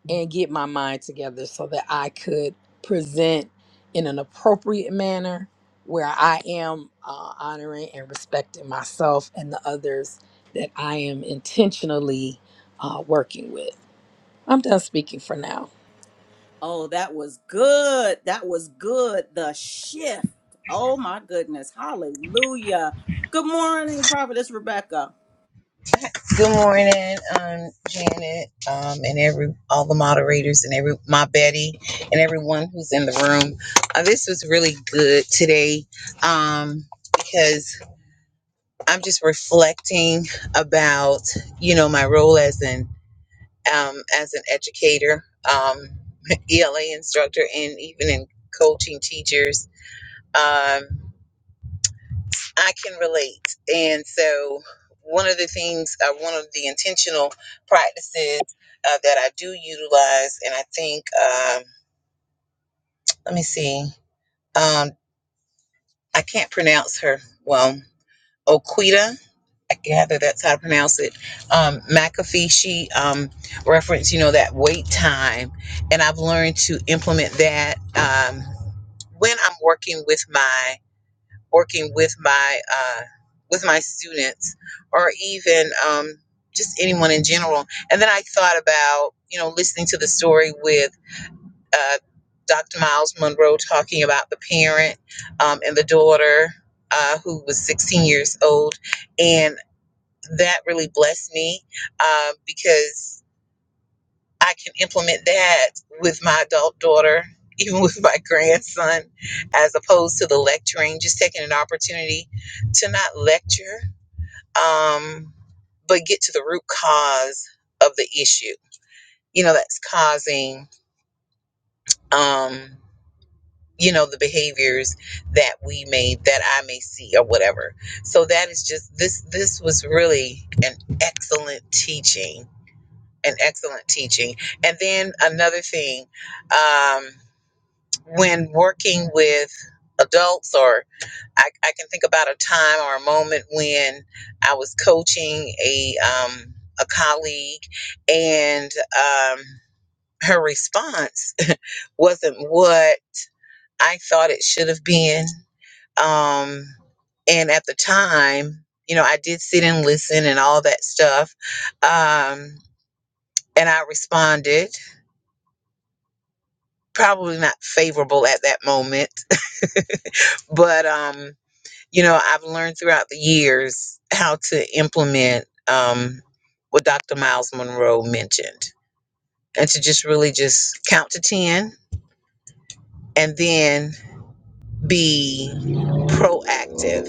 S7: and get my mind together so that I could present in an appropriate manner where I am uh, honoring and respecting myself and the others that I am intentionally uh, working with. I'm done speaking for now.
S1: Oh, that was good. That was good. The shift. Oh my goodness. Hallelujah. Good morning, Prophetess Rebecca.
S8: Good morning, um, Janet, um, and every all the moderators and every my Betty and everyone who's in the room. Uh, this was really good today um, because I'm just reflecting about you know my role as an um, as an educator, um, ELA instructor, and even in coaching teachers. Um, I can relate. And so, one of the things, uh, one of the intentional practices uh, that I do utilize, and I think, um, let me see, um, I can't pronounce her well, Oquita. I gather that's how to pronounce it. Um, McAfee, she um, referenced, you know, that wait time. And I've learned to implement that um, when I'm working with my working with my uh, with my students or even um, just anyone in general. And then I thought about you know listening to the story with uh, Dr. Miles Monroe talking about the parent um, and the daughter uh, who was 16 years old, and that really blessed me uh, because. I can implement that with my adult daughter, even with my grandson, as opposed to the lecturing, just taking an opportunity to not lecture, um, but get to the root cause of the issue, you know, that's causing, um, you know, the behaviors that we may, that I may see or whatever. So that is just, this, this was really an excellent teaching, an excellent teaching. And then another thing, um, when working with adults or I, I can think about a time or a moment when I was coaching a um, a colleague and um, her response wasn't what I thought it should have been um, and at the time you know I did sit and listen and all that stuff um, and I responded probably not favorable at that moment but um you know, I've learned throughout the years how to implement um, what Dr. Miles Monroe mentioned and to just really just count to 10 and then be proactive,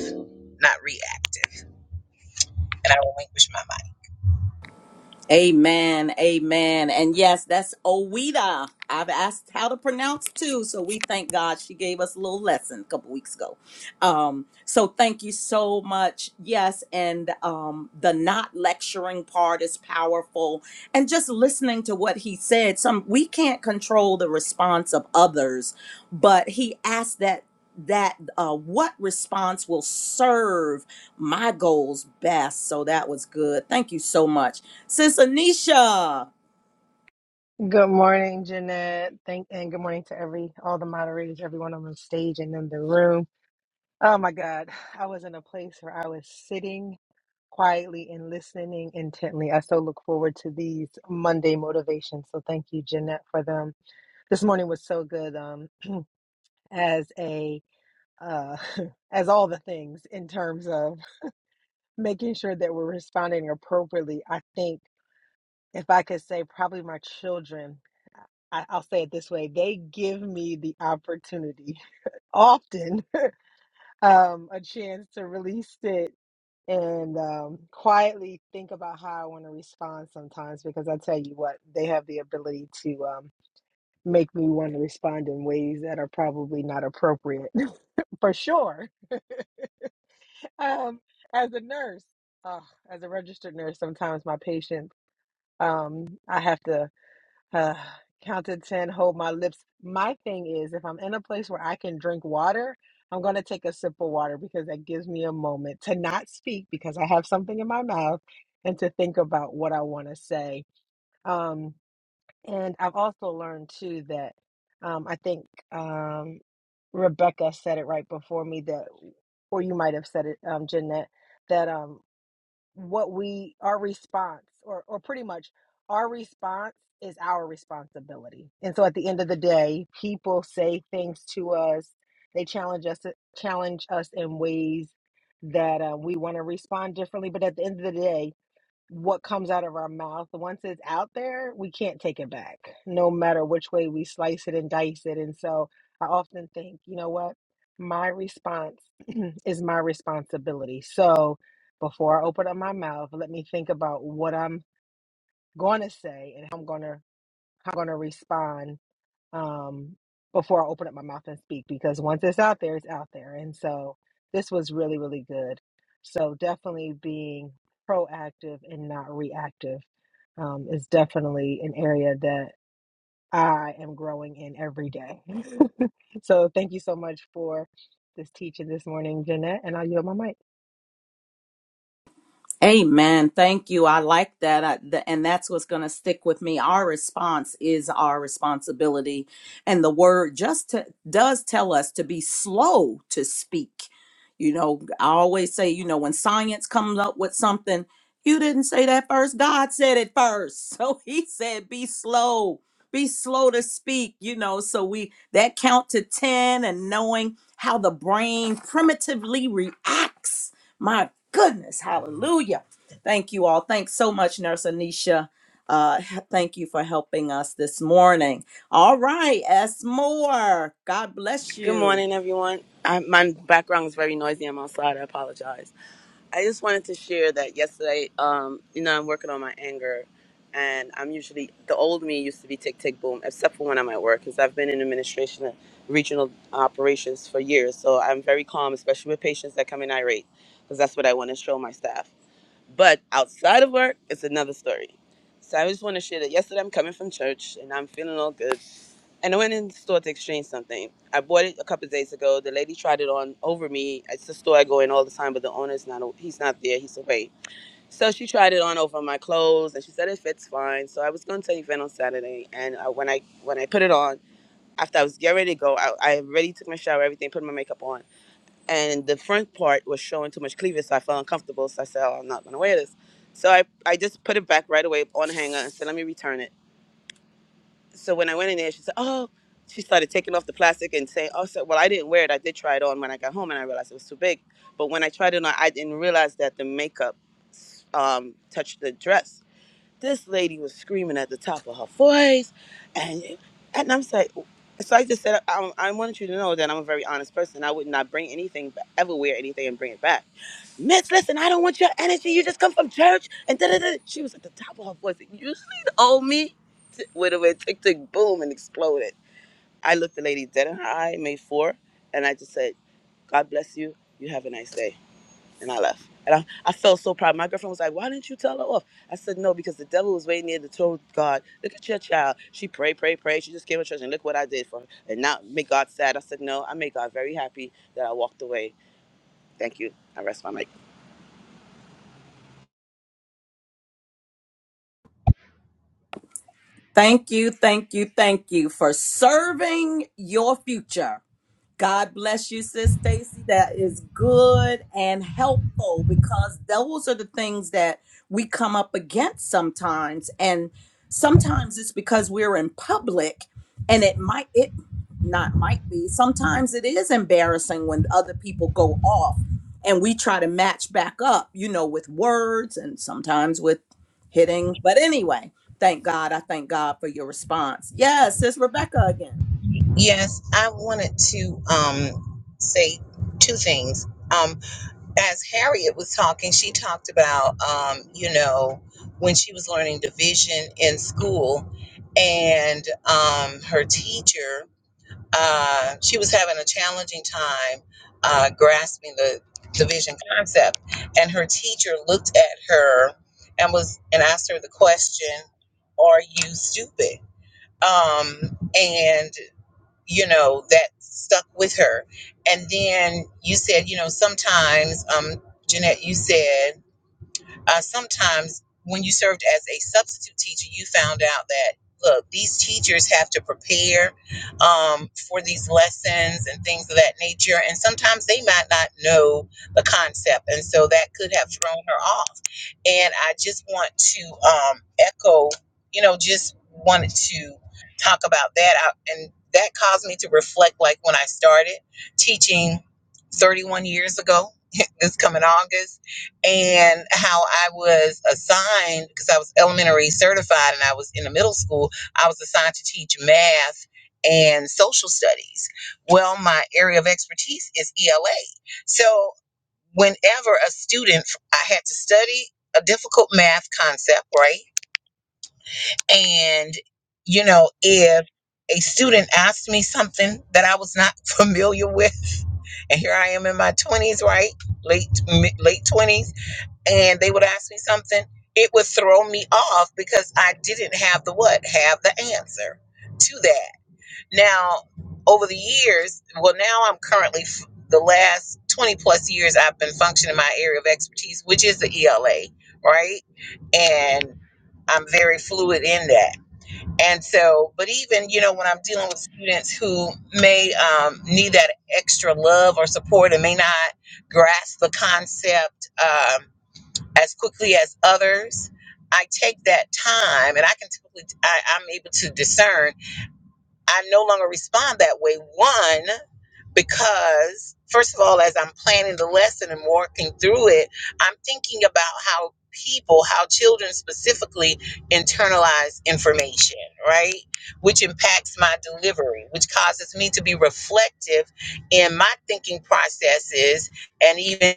S8: not reactive. And I relinquish my mind.
S1: Amen. Amen. And yes, that's Oweda. I've asked how to pronounce too, so we thank God she gave us a little lesson a couple weeks ago. Um, so thank you so much. Yes, and um, the not lecturing part is powerful, and just listening to what he said. Some we can't control the response of others, but he asked that that uh, what response will serve my goals best. So that was good. Thank you so much, Sis Anisha.
S9: Good morning, Jeanette. Thank and good morning to every all the moderators, everyone on the stage and in the room. Oh my God, I was in a place where I was sitting quietly and listening intently. I so look forward to these Monday motivations. So thank you, Jeanette, for them. This morning was so good. Um, as a uh, as all the things in terms of making sure that we're responding appropriately. I think. if I could say, probably my children. I, I'll say it this way they give me the opportunity often um, a chance to really sit and um, quietly think about how I want to respond sometimes because I tell you what, they have the ability to um, make me want to respond in ways that are probably not appropriate for sure. Um, as a nurse, oh, as a registered nurse, sometimes my patients, um, I have to. Uh, count to 10, hold my lips. My thing is, if I'm in a place where I can drink water, I'm going to take a sip of water because that gives me a moment to not speak because I have something in my mouth and to think about what I want to say. Um, and I've also learned too that um, I think um, Rebecca said it right before me that, or you might have said it, um, Jeanette, that um, what we our response or or pretty much our response is our responsibility. And so at the end of the day, people say things to us, they challenge us challenge us in ways that uh, we want to respond differently, but at the end of the day, what comes out of our mouth, once it's out there, we can't take it back, no matter which way we slice it and dice it. And so I often think, you know what? My response is my responsibility. So before I open up my mouth, let me think about what I'm going to say and how I'm going to how I'm going to respond um, before I open up my mouth and speak because once it's out there, it's out there. And so this was really, really good. So definitely being proactive and not reactive um, is definitely an area that I am growing in every day. so thank you so much for this teaching this morning, Jeanette, and I'll yield my mic.
S1: Amen. Thank you. I like that. I, th- and that's what's going to stick with me. Our response is our responsibility. And the word just to, does tell us to be slow to speak. You know, I always say, you know, when science comes up with something, you didn't say that first. God said it first. So he said, be slow, be slow to speak, you know. So we, that count to 10 and knowing how the brain primitively reacts my goodness, hallelujah. Thank you all. Thanks so much, Nurse Anisha. Uh, h- thank you for helping us this morning. All right, S. Moore, God bless
S10: Good
S1: you.
S10: morning, everyone. I, my background is very noisy. I'm outside. I apologize. I just wanted to share that yesterday, um, you know, I'm working on my anger, and I'm usually the old me used to be tick tick boom, except for when I'm at work, because I've been in administration and regional operations for years. So I'm very calm, especially with patients that come in irate, because that's what I want to show my staff. But outside of work, it's another story. So I just want to share that yesterday I'm coming from church and I'm feeling all good. And I went in the store to exchange something. I bought it a couple of days ago. The lady tried it on over me. It's a store I go in all the time, but the owner's not. He's not there. He's away. So she tried it on over my clothes, and she said it fits fine. So I was going to an event on Saturday, and uh when I when I put it on, after I was getting ready to go, I, I already took my shower, everything, put my makeup on and the front part was showing too much cleavage, so I felt uncomfortable. So I said, oh, I'm not gonna wear this. So I, I just put it back right away on the hanger and said, let me return it. So when I went in there, she said, oh, she started taking off the plastic and saying, oh, so, well, I didn't wear it. I did try it on when I got home and I realized it was too big. But when I tried it on, I didn't realize that the makeup um, touched the dress. This lady was screaming at the top of her voice, and and I'm like, so I just said, I, I wanted you to know that I'm a very honest person. I would not bring anything, ba- ever wear anything and bring it back. Miss, listen, I don't want your energy. You just come from church, and da da da. She was at the top of her voice. You see the old me t- would have went tick tick boom and exploded. I looked the lady dead in her eye, made four, and I just said, God bless you. You have a nice day and I left. And I, I felt so proud. My girlfriend was like, Why didn't you tell her off? I said, No, because the devil was waiting there to tell God, Look at your child. She prayed, prayed, prayed. She just came to church and look what I did for her. And now make God sad. I said, No, I made God very happy that I walked away. Thank you. I rest my mic.
S1: Thank you, thank you, thank you for serving your future. God bless you, Sis Stacy. That is good and helpful because those are the things that we come up against sometimes. And sometimes it's because we're in public and it might, it not might be, sometimes it is embarrassing when other people go off and we try to match back up, you know, with words and sometimes with hitting. But anyway, thank God. I thank God for your response. Yes, it's Rebecca again.
S8: Yes, I wanted to um, say two things. Um, as Harriet was talking, she talked about, um, you know, when she was learning division in school and um, her teacher, uh, she was having a challenging time uh, grasping the division concept. And her teacher looked at her and was and asked her the question, Are you stupid? Um, and you know that stuck with her and then you said you know sometimes um jeanette you said uh, sometimes when you served as a substitute teacher, you found out that look, these teachers have to prepare um, for these lessons and things of that nature, and sometimes they might not know the concept, and so that could have thrown her off. And I just want to um, echo, you know, just wanted to talk about that, I, and that caused me to reflect, like when I started teaching 31 years ago. this coming August and how I was assigned because I was elementary certified and I was in the middle school, I was assigned to teach math and social studies. Well, my area of expertise is ELA. So, whenever a student, I had to study a difficult math concept, right? And, you know, if a student asked me something that I was not familiar with, and here I am in my 20s, right? Late mi- late 20s and they would ask me something, it would throw me off because I didn't have the what, have the answer to that. Now, over the years, well, now I'm currently f- the last 20 plus years I've been functioning in my area of expertise, which is the ELA, right? And I'm very fluid in that. And so, but even, you know, when I'm dealing with students who may um, need that extra love or support and may not grasp the concept, um, as quickly as others. I take that time and I can typically, I, I'm able to discern. I no longer respond that way. One, because first of all, as I'm planning the lesson and working through it, I'm thinking about how people, how children specifically internalize information, right? Which impacts my delivery, which causes me to be reflective in my thinking processes and even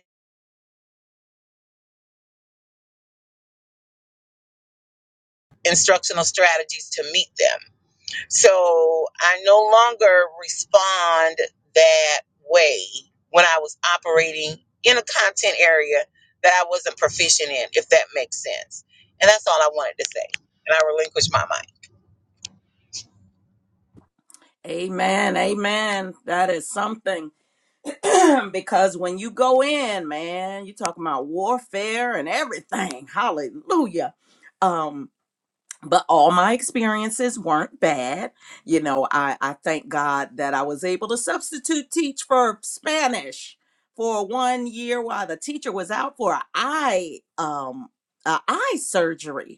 S8: instructional strategies to meet them So I no longer respond that way when I was operating in a content area that I wasn't proficient in, if that makes sense. And that's all I wanted to say. And I relinquished my mind.
S1: Amen. Amen. That is something. because when you go in, man, you talking about warfare and everything. Hallelujah. Um, but all my experiences weren't bad. You know, I, I thank God that I was able to substitute teach for Spanish for one year while the teacher was out for an eye um a eye surgery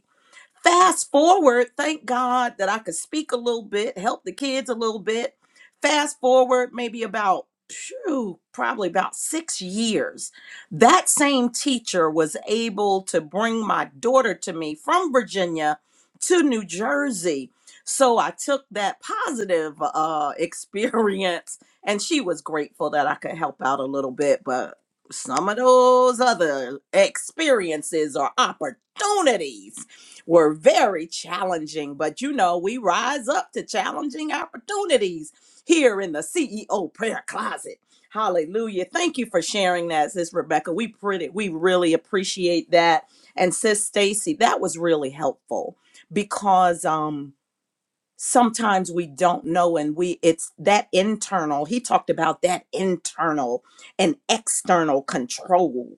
S1: Fast forward, thank God that I could speak a little bit, help the kids a little bit. Fast forward, maybe about, phew, probably about six years. That same teacher was able to bring my daughter to me from Virginia to New Jersey. So I took that positive uh, experience, and she was grateful that I could help out a little bit. But some of those other experiences or opportunities were very challenging, but you know, we rise up to challenging opportunities here in the CEO prayer closet. Hallelujah. Thank you for sharing that, sis Rebecca. We pretty we really appreciate that. And sis Stacy, that was really helpful because um sometimes we don't know and we it's that internal he talked about that internal and external control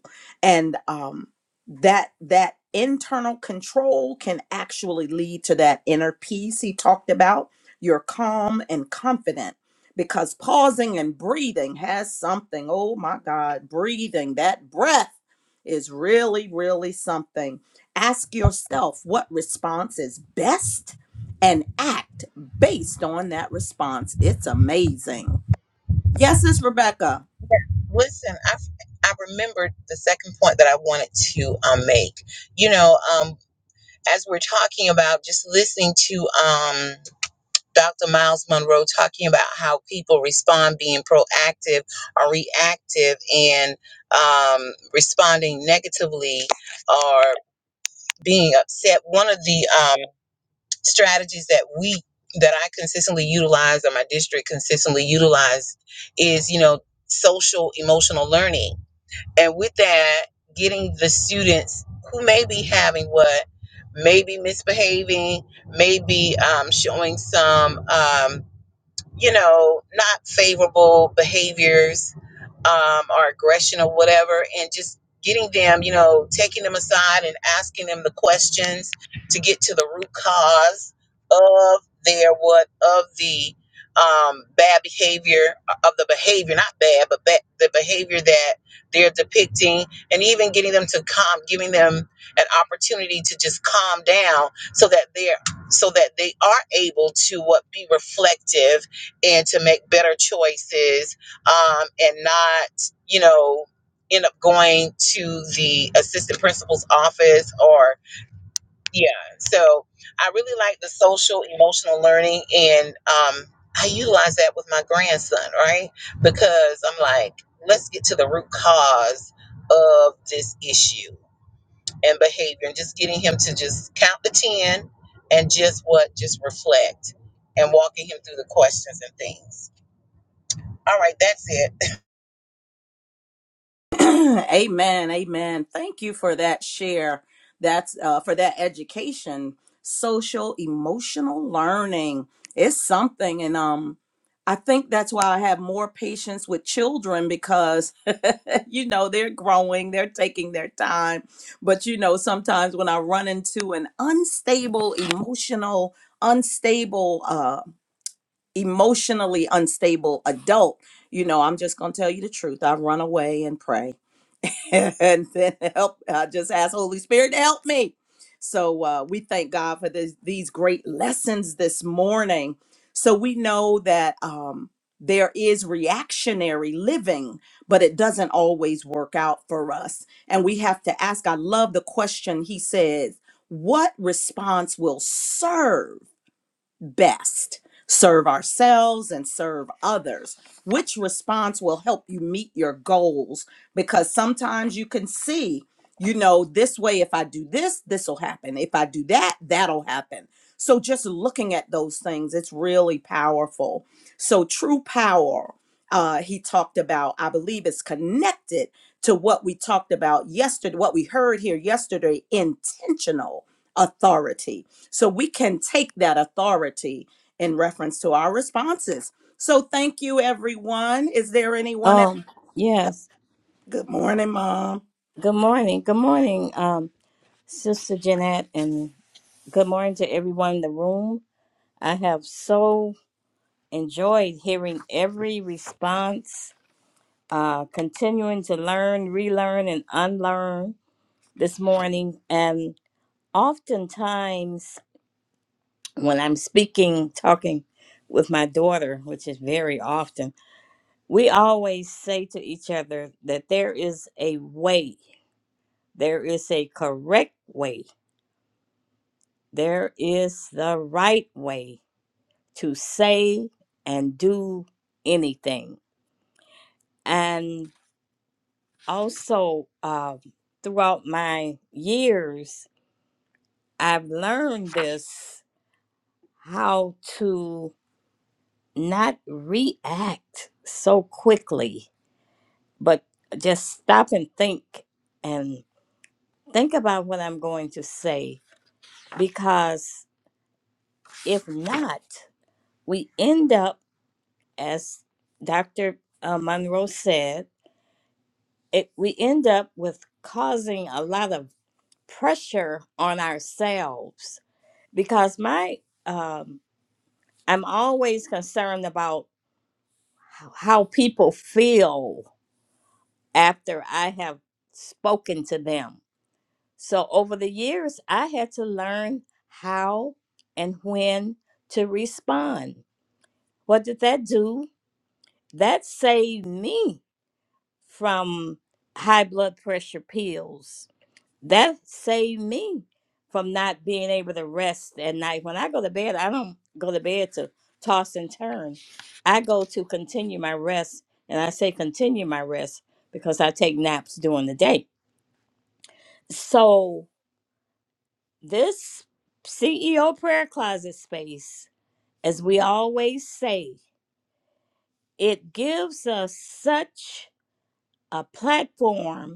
S1: and um that that internal control can actually lead to that inner peace he talked about you're calm and confident because pausing and breathing has something oh my god breathing that breath is really really something ask yourself what response is best and act based on that response. It's amazing. Yes, it's Rebecca.
S8: Listen, I, I remembered the second point that I wanted to um, make. You know, um, as we're talking about just listening to um, Dr. Miles Monroe talking about how people respond being proactive or reactive and um, responding negatively or being upset. One of the um, strategies that we that I consistently utilize or my district consistently utilized is, you know, social emotional learning. And with that, getting the students who may be having what may be misbehaving, may be um, showing some um, you know, not favorable behaviors um, or aggression or whatever, and just getting them, you know, taking them aside and asking them the questions to get to the root cause of their what of the um, bad behavior uh, of the behavior, not bad, but ba- the behavior that they're depicting, and even getting them to calm, giving them an opportunity to just calm down so that they're so that they are able to what be reflective and to make better choices um, and not, you know, end up going to the assistant principal's office or, yeah. So I really like the social emotional learning. And um, I utilize that with my grandson, right? Because I'm like, let's get to the root cause of this issue and behavior and just getting him to just count the 10 and just what, just reflect and walking him through the questions and things. All right, that's it.
S1: amen. Amen. Thank you for that share. That's uh, for that education, social emotional learning. It's something, and um, I think that's why I have more patience with children because you know they're growing, they're taking their time. But you know, sometimes when I run into an unstable emotional, unstable uh. emotionally unstable adult, you know, I'm just gonna tell you the truth. I run away and pray, and then help. I just ask Holy Spirit to help me. So uh, we thank God for this, these great lessons this morning. So we know that um, there is reactionary living, but it doesn't always work out for us, and we have to ask. I love the question he says. What response will serve? best serve ourselves and serve others which response will help you meet your goals because sometimes you can see you know this way if i do this this will happen if i do that that'll happen so just looking at those things it's really powerful so true power uh, he talked about i believe is connected to what we talked about yesterday what we heard here yesterday intentional authority so we can take that authority in reference to our responses. So thank you, everyone. Is there anyone else?
S11: Um, yes.
S1: Good morning, Mom.
S11: Good morning. Good morning, um, Sister Jeanette, and good morning to everyone in the room. I have so enjoyed hearing every response, uh, continuing to learn, relearn, and unlearn this morning. And oftentimes, when I'm speaking, talking with my daughter, which is very often, we always say to each other that there is a way, there is a correct way There is the right way to say and do anything. And also, uh, throughout my years, I've learned this how to not react so quickly, but just stop and think and think about what I'm going to say. Because if not, we end up as Dr. uh, Monroe said, it, we end up with causing a lot of pressure on ourselves because my um, I'm always concerned about how how people feel after I have spoken to them. So over the years, I had to learn how and when to respond. What did that do? That saved me from high blood pressure pills. That saved me from not being able to rest at night. When I go to bed, I don't go to bed to toss and turn. I go to continue my rest. And I say continue my rest because I take naps during the day. So, this CEO prayer closet space, as we always say, it gives us such a platform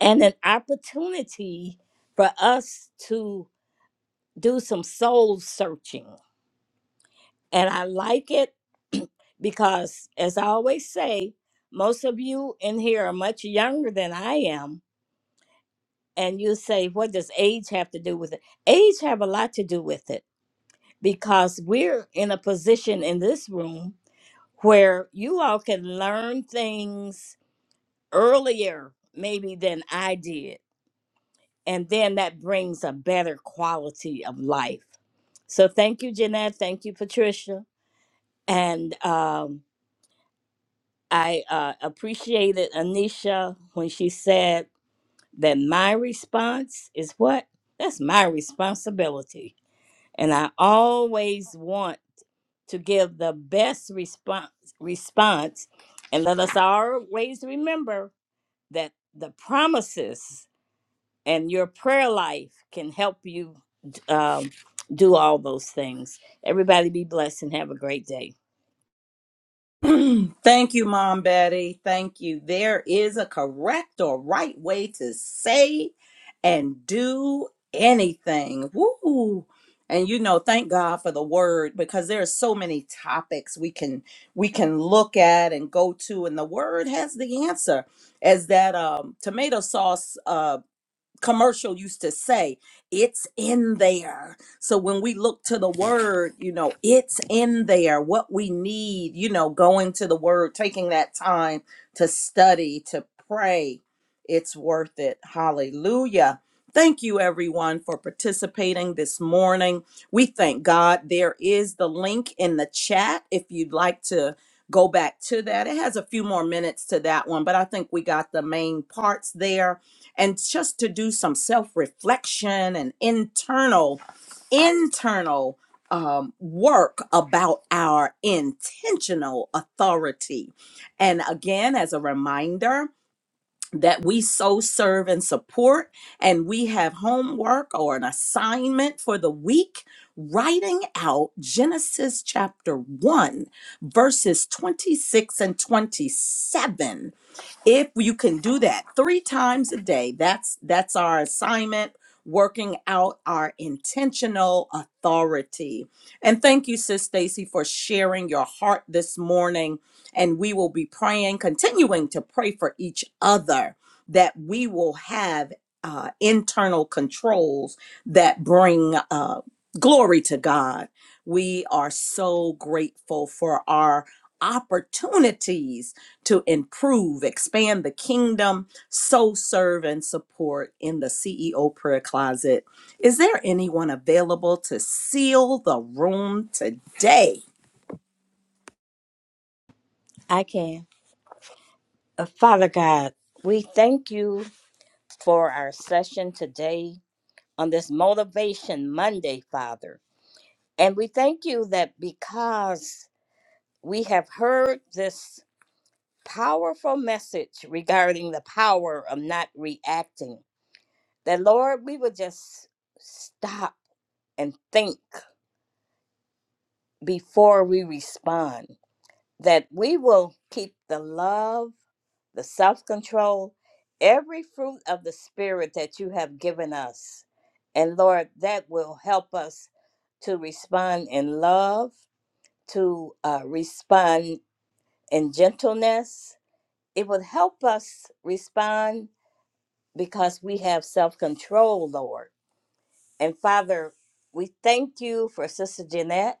S11: and an opportunity for us to do some soul searching. And I like it because, as I always say, most of you in here are much younger than I am. And you say, what does age have to do with it? Age have a lot to do with it because we're in a position in this room where you all can learn things earlier maybe than I did and then that brings a better quality of life. So thank you, Jeanette. Thank you, Patricia. And um, I uh, appreciated Anisha when she said that my response is what? That's my responsibility. And I always want to give the best response response and let us always remember that the promises and your prayer life can help you um, do all those things. Everybody be blessed and have a great day.
S1: Thank you, Mom Betty. Thank you. There is a correct or right way to say and do anything. Woo! And you know, thank God for the word because there are so many topics we can we can look at and go to, and the word has the answer. As that um, tomato sauce uh, commercial used to say it's in there so when we look to the word you know it's in there what we need you know going to the word taking that time to study to pray it's worth it hallelujah thank you everyone for participating this morning we thank god there is the link in the chat if you'd like to go back to that it has a few more minutes to that one but i think we got the main parts there and just to do some self-reflection and internal internal um, work about our intentional authority and again as a reminder that we so serve and support and we have homework or an assignment for the week writing out genesis chapter 1 verses 26 and 27 if you can do that three times a day that's that's our assignment working out our intentional authority and thank you sis stacy for sharing your heart this morning and we will be praying continuing to pray for each other that we will have uh, internal controls that bring uh, glory to god we are so grateful for our opportunities to improve, expand the kingdom, so serve and support in the CEO prayer closet. Is there anyone available to seal the room today?
S11: I can. Uh, Father God, we thank you for our session today on this Motivation Monday, Father. And we thank you that because we have heard this powerful message regarding the power of not reacting, that Lord, we would just stop and think before we respond, that we will keep the love, the self control, every fruit of the Spirit that you have given us. And Lord, that will help us to respond in love, to uh, respond in gentleness. It will help us respond because we have self control, Lord. And Father, we thank you for Sister Jeanette.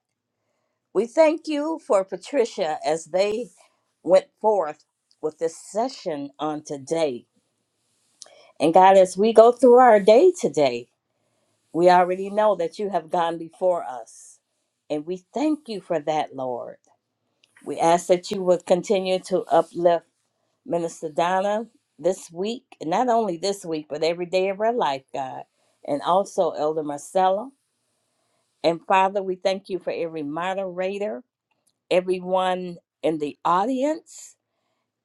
S11: We thank you for Patricia as they went forth with this session on today. And God, as we go through our day today, we already know that you have gone before us. And we thank you for that, Lord. We ask that you would continue to uplift Minister Donna this week, and not only this week, but every day of her life, God. And also Elder Marcella. And Father, we thank you for every moderator, everyone in the audience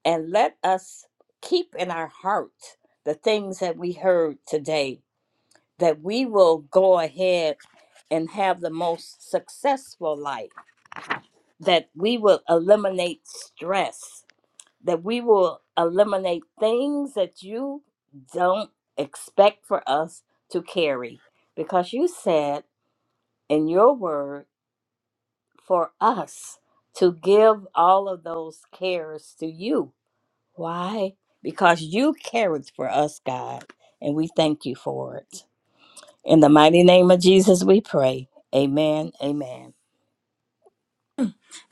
S11: and let us keep in our hearts the things that we heard today, that we will go ahead and have the most successful life, that we will eliminate stress, that we will eliminate things that you don't expect for us to carry. Because you said in your word for us to give all of those cares to you Why? Because you carried for us, God, and we thank you for it. In the mighty name of Jesus, we pray. Amen. Amen.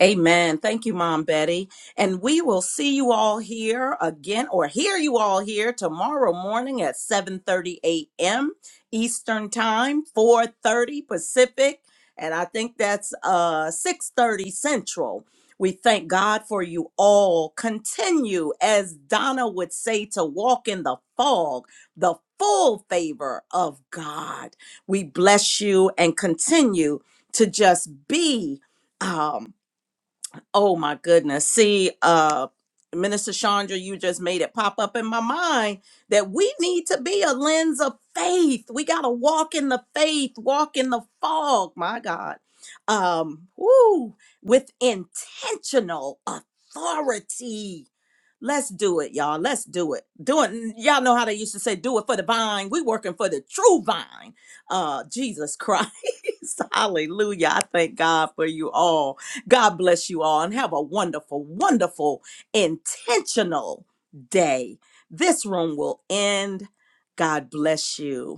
S1: Amen. Thank you, Mom Betty. And we will see you all here again or hear you all here tomorrow morning at 7:30 a.m. Eastern Time, 4:30 Pacific, and I think that's uh 6:30 Central. We thank God for you all. Continue as Donna would say to walk in the fog, the full favor of God. We bless you and continue to just be um Oh my goodness. See, uh Minister Chandra, you just made it pop up in my mind that we need to be a lens of faith. We got to walk in the faith, walk in the fog, my God. Um, woo, with intentional authority. Let's do it, y'all. Let's do it. Do it. Y'all know how they used to say, do it for the vine. We working for the true vine. Uh, Jesus Christ. Hallelujah. I thank God for you all God bless you all and have a wonderful, wonderful, intentional day. This room will end. God bless you.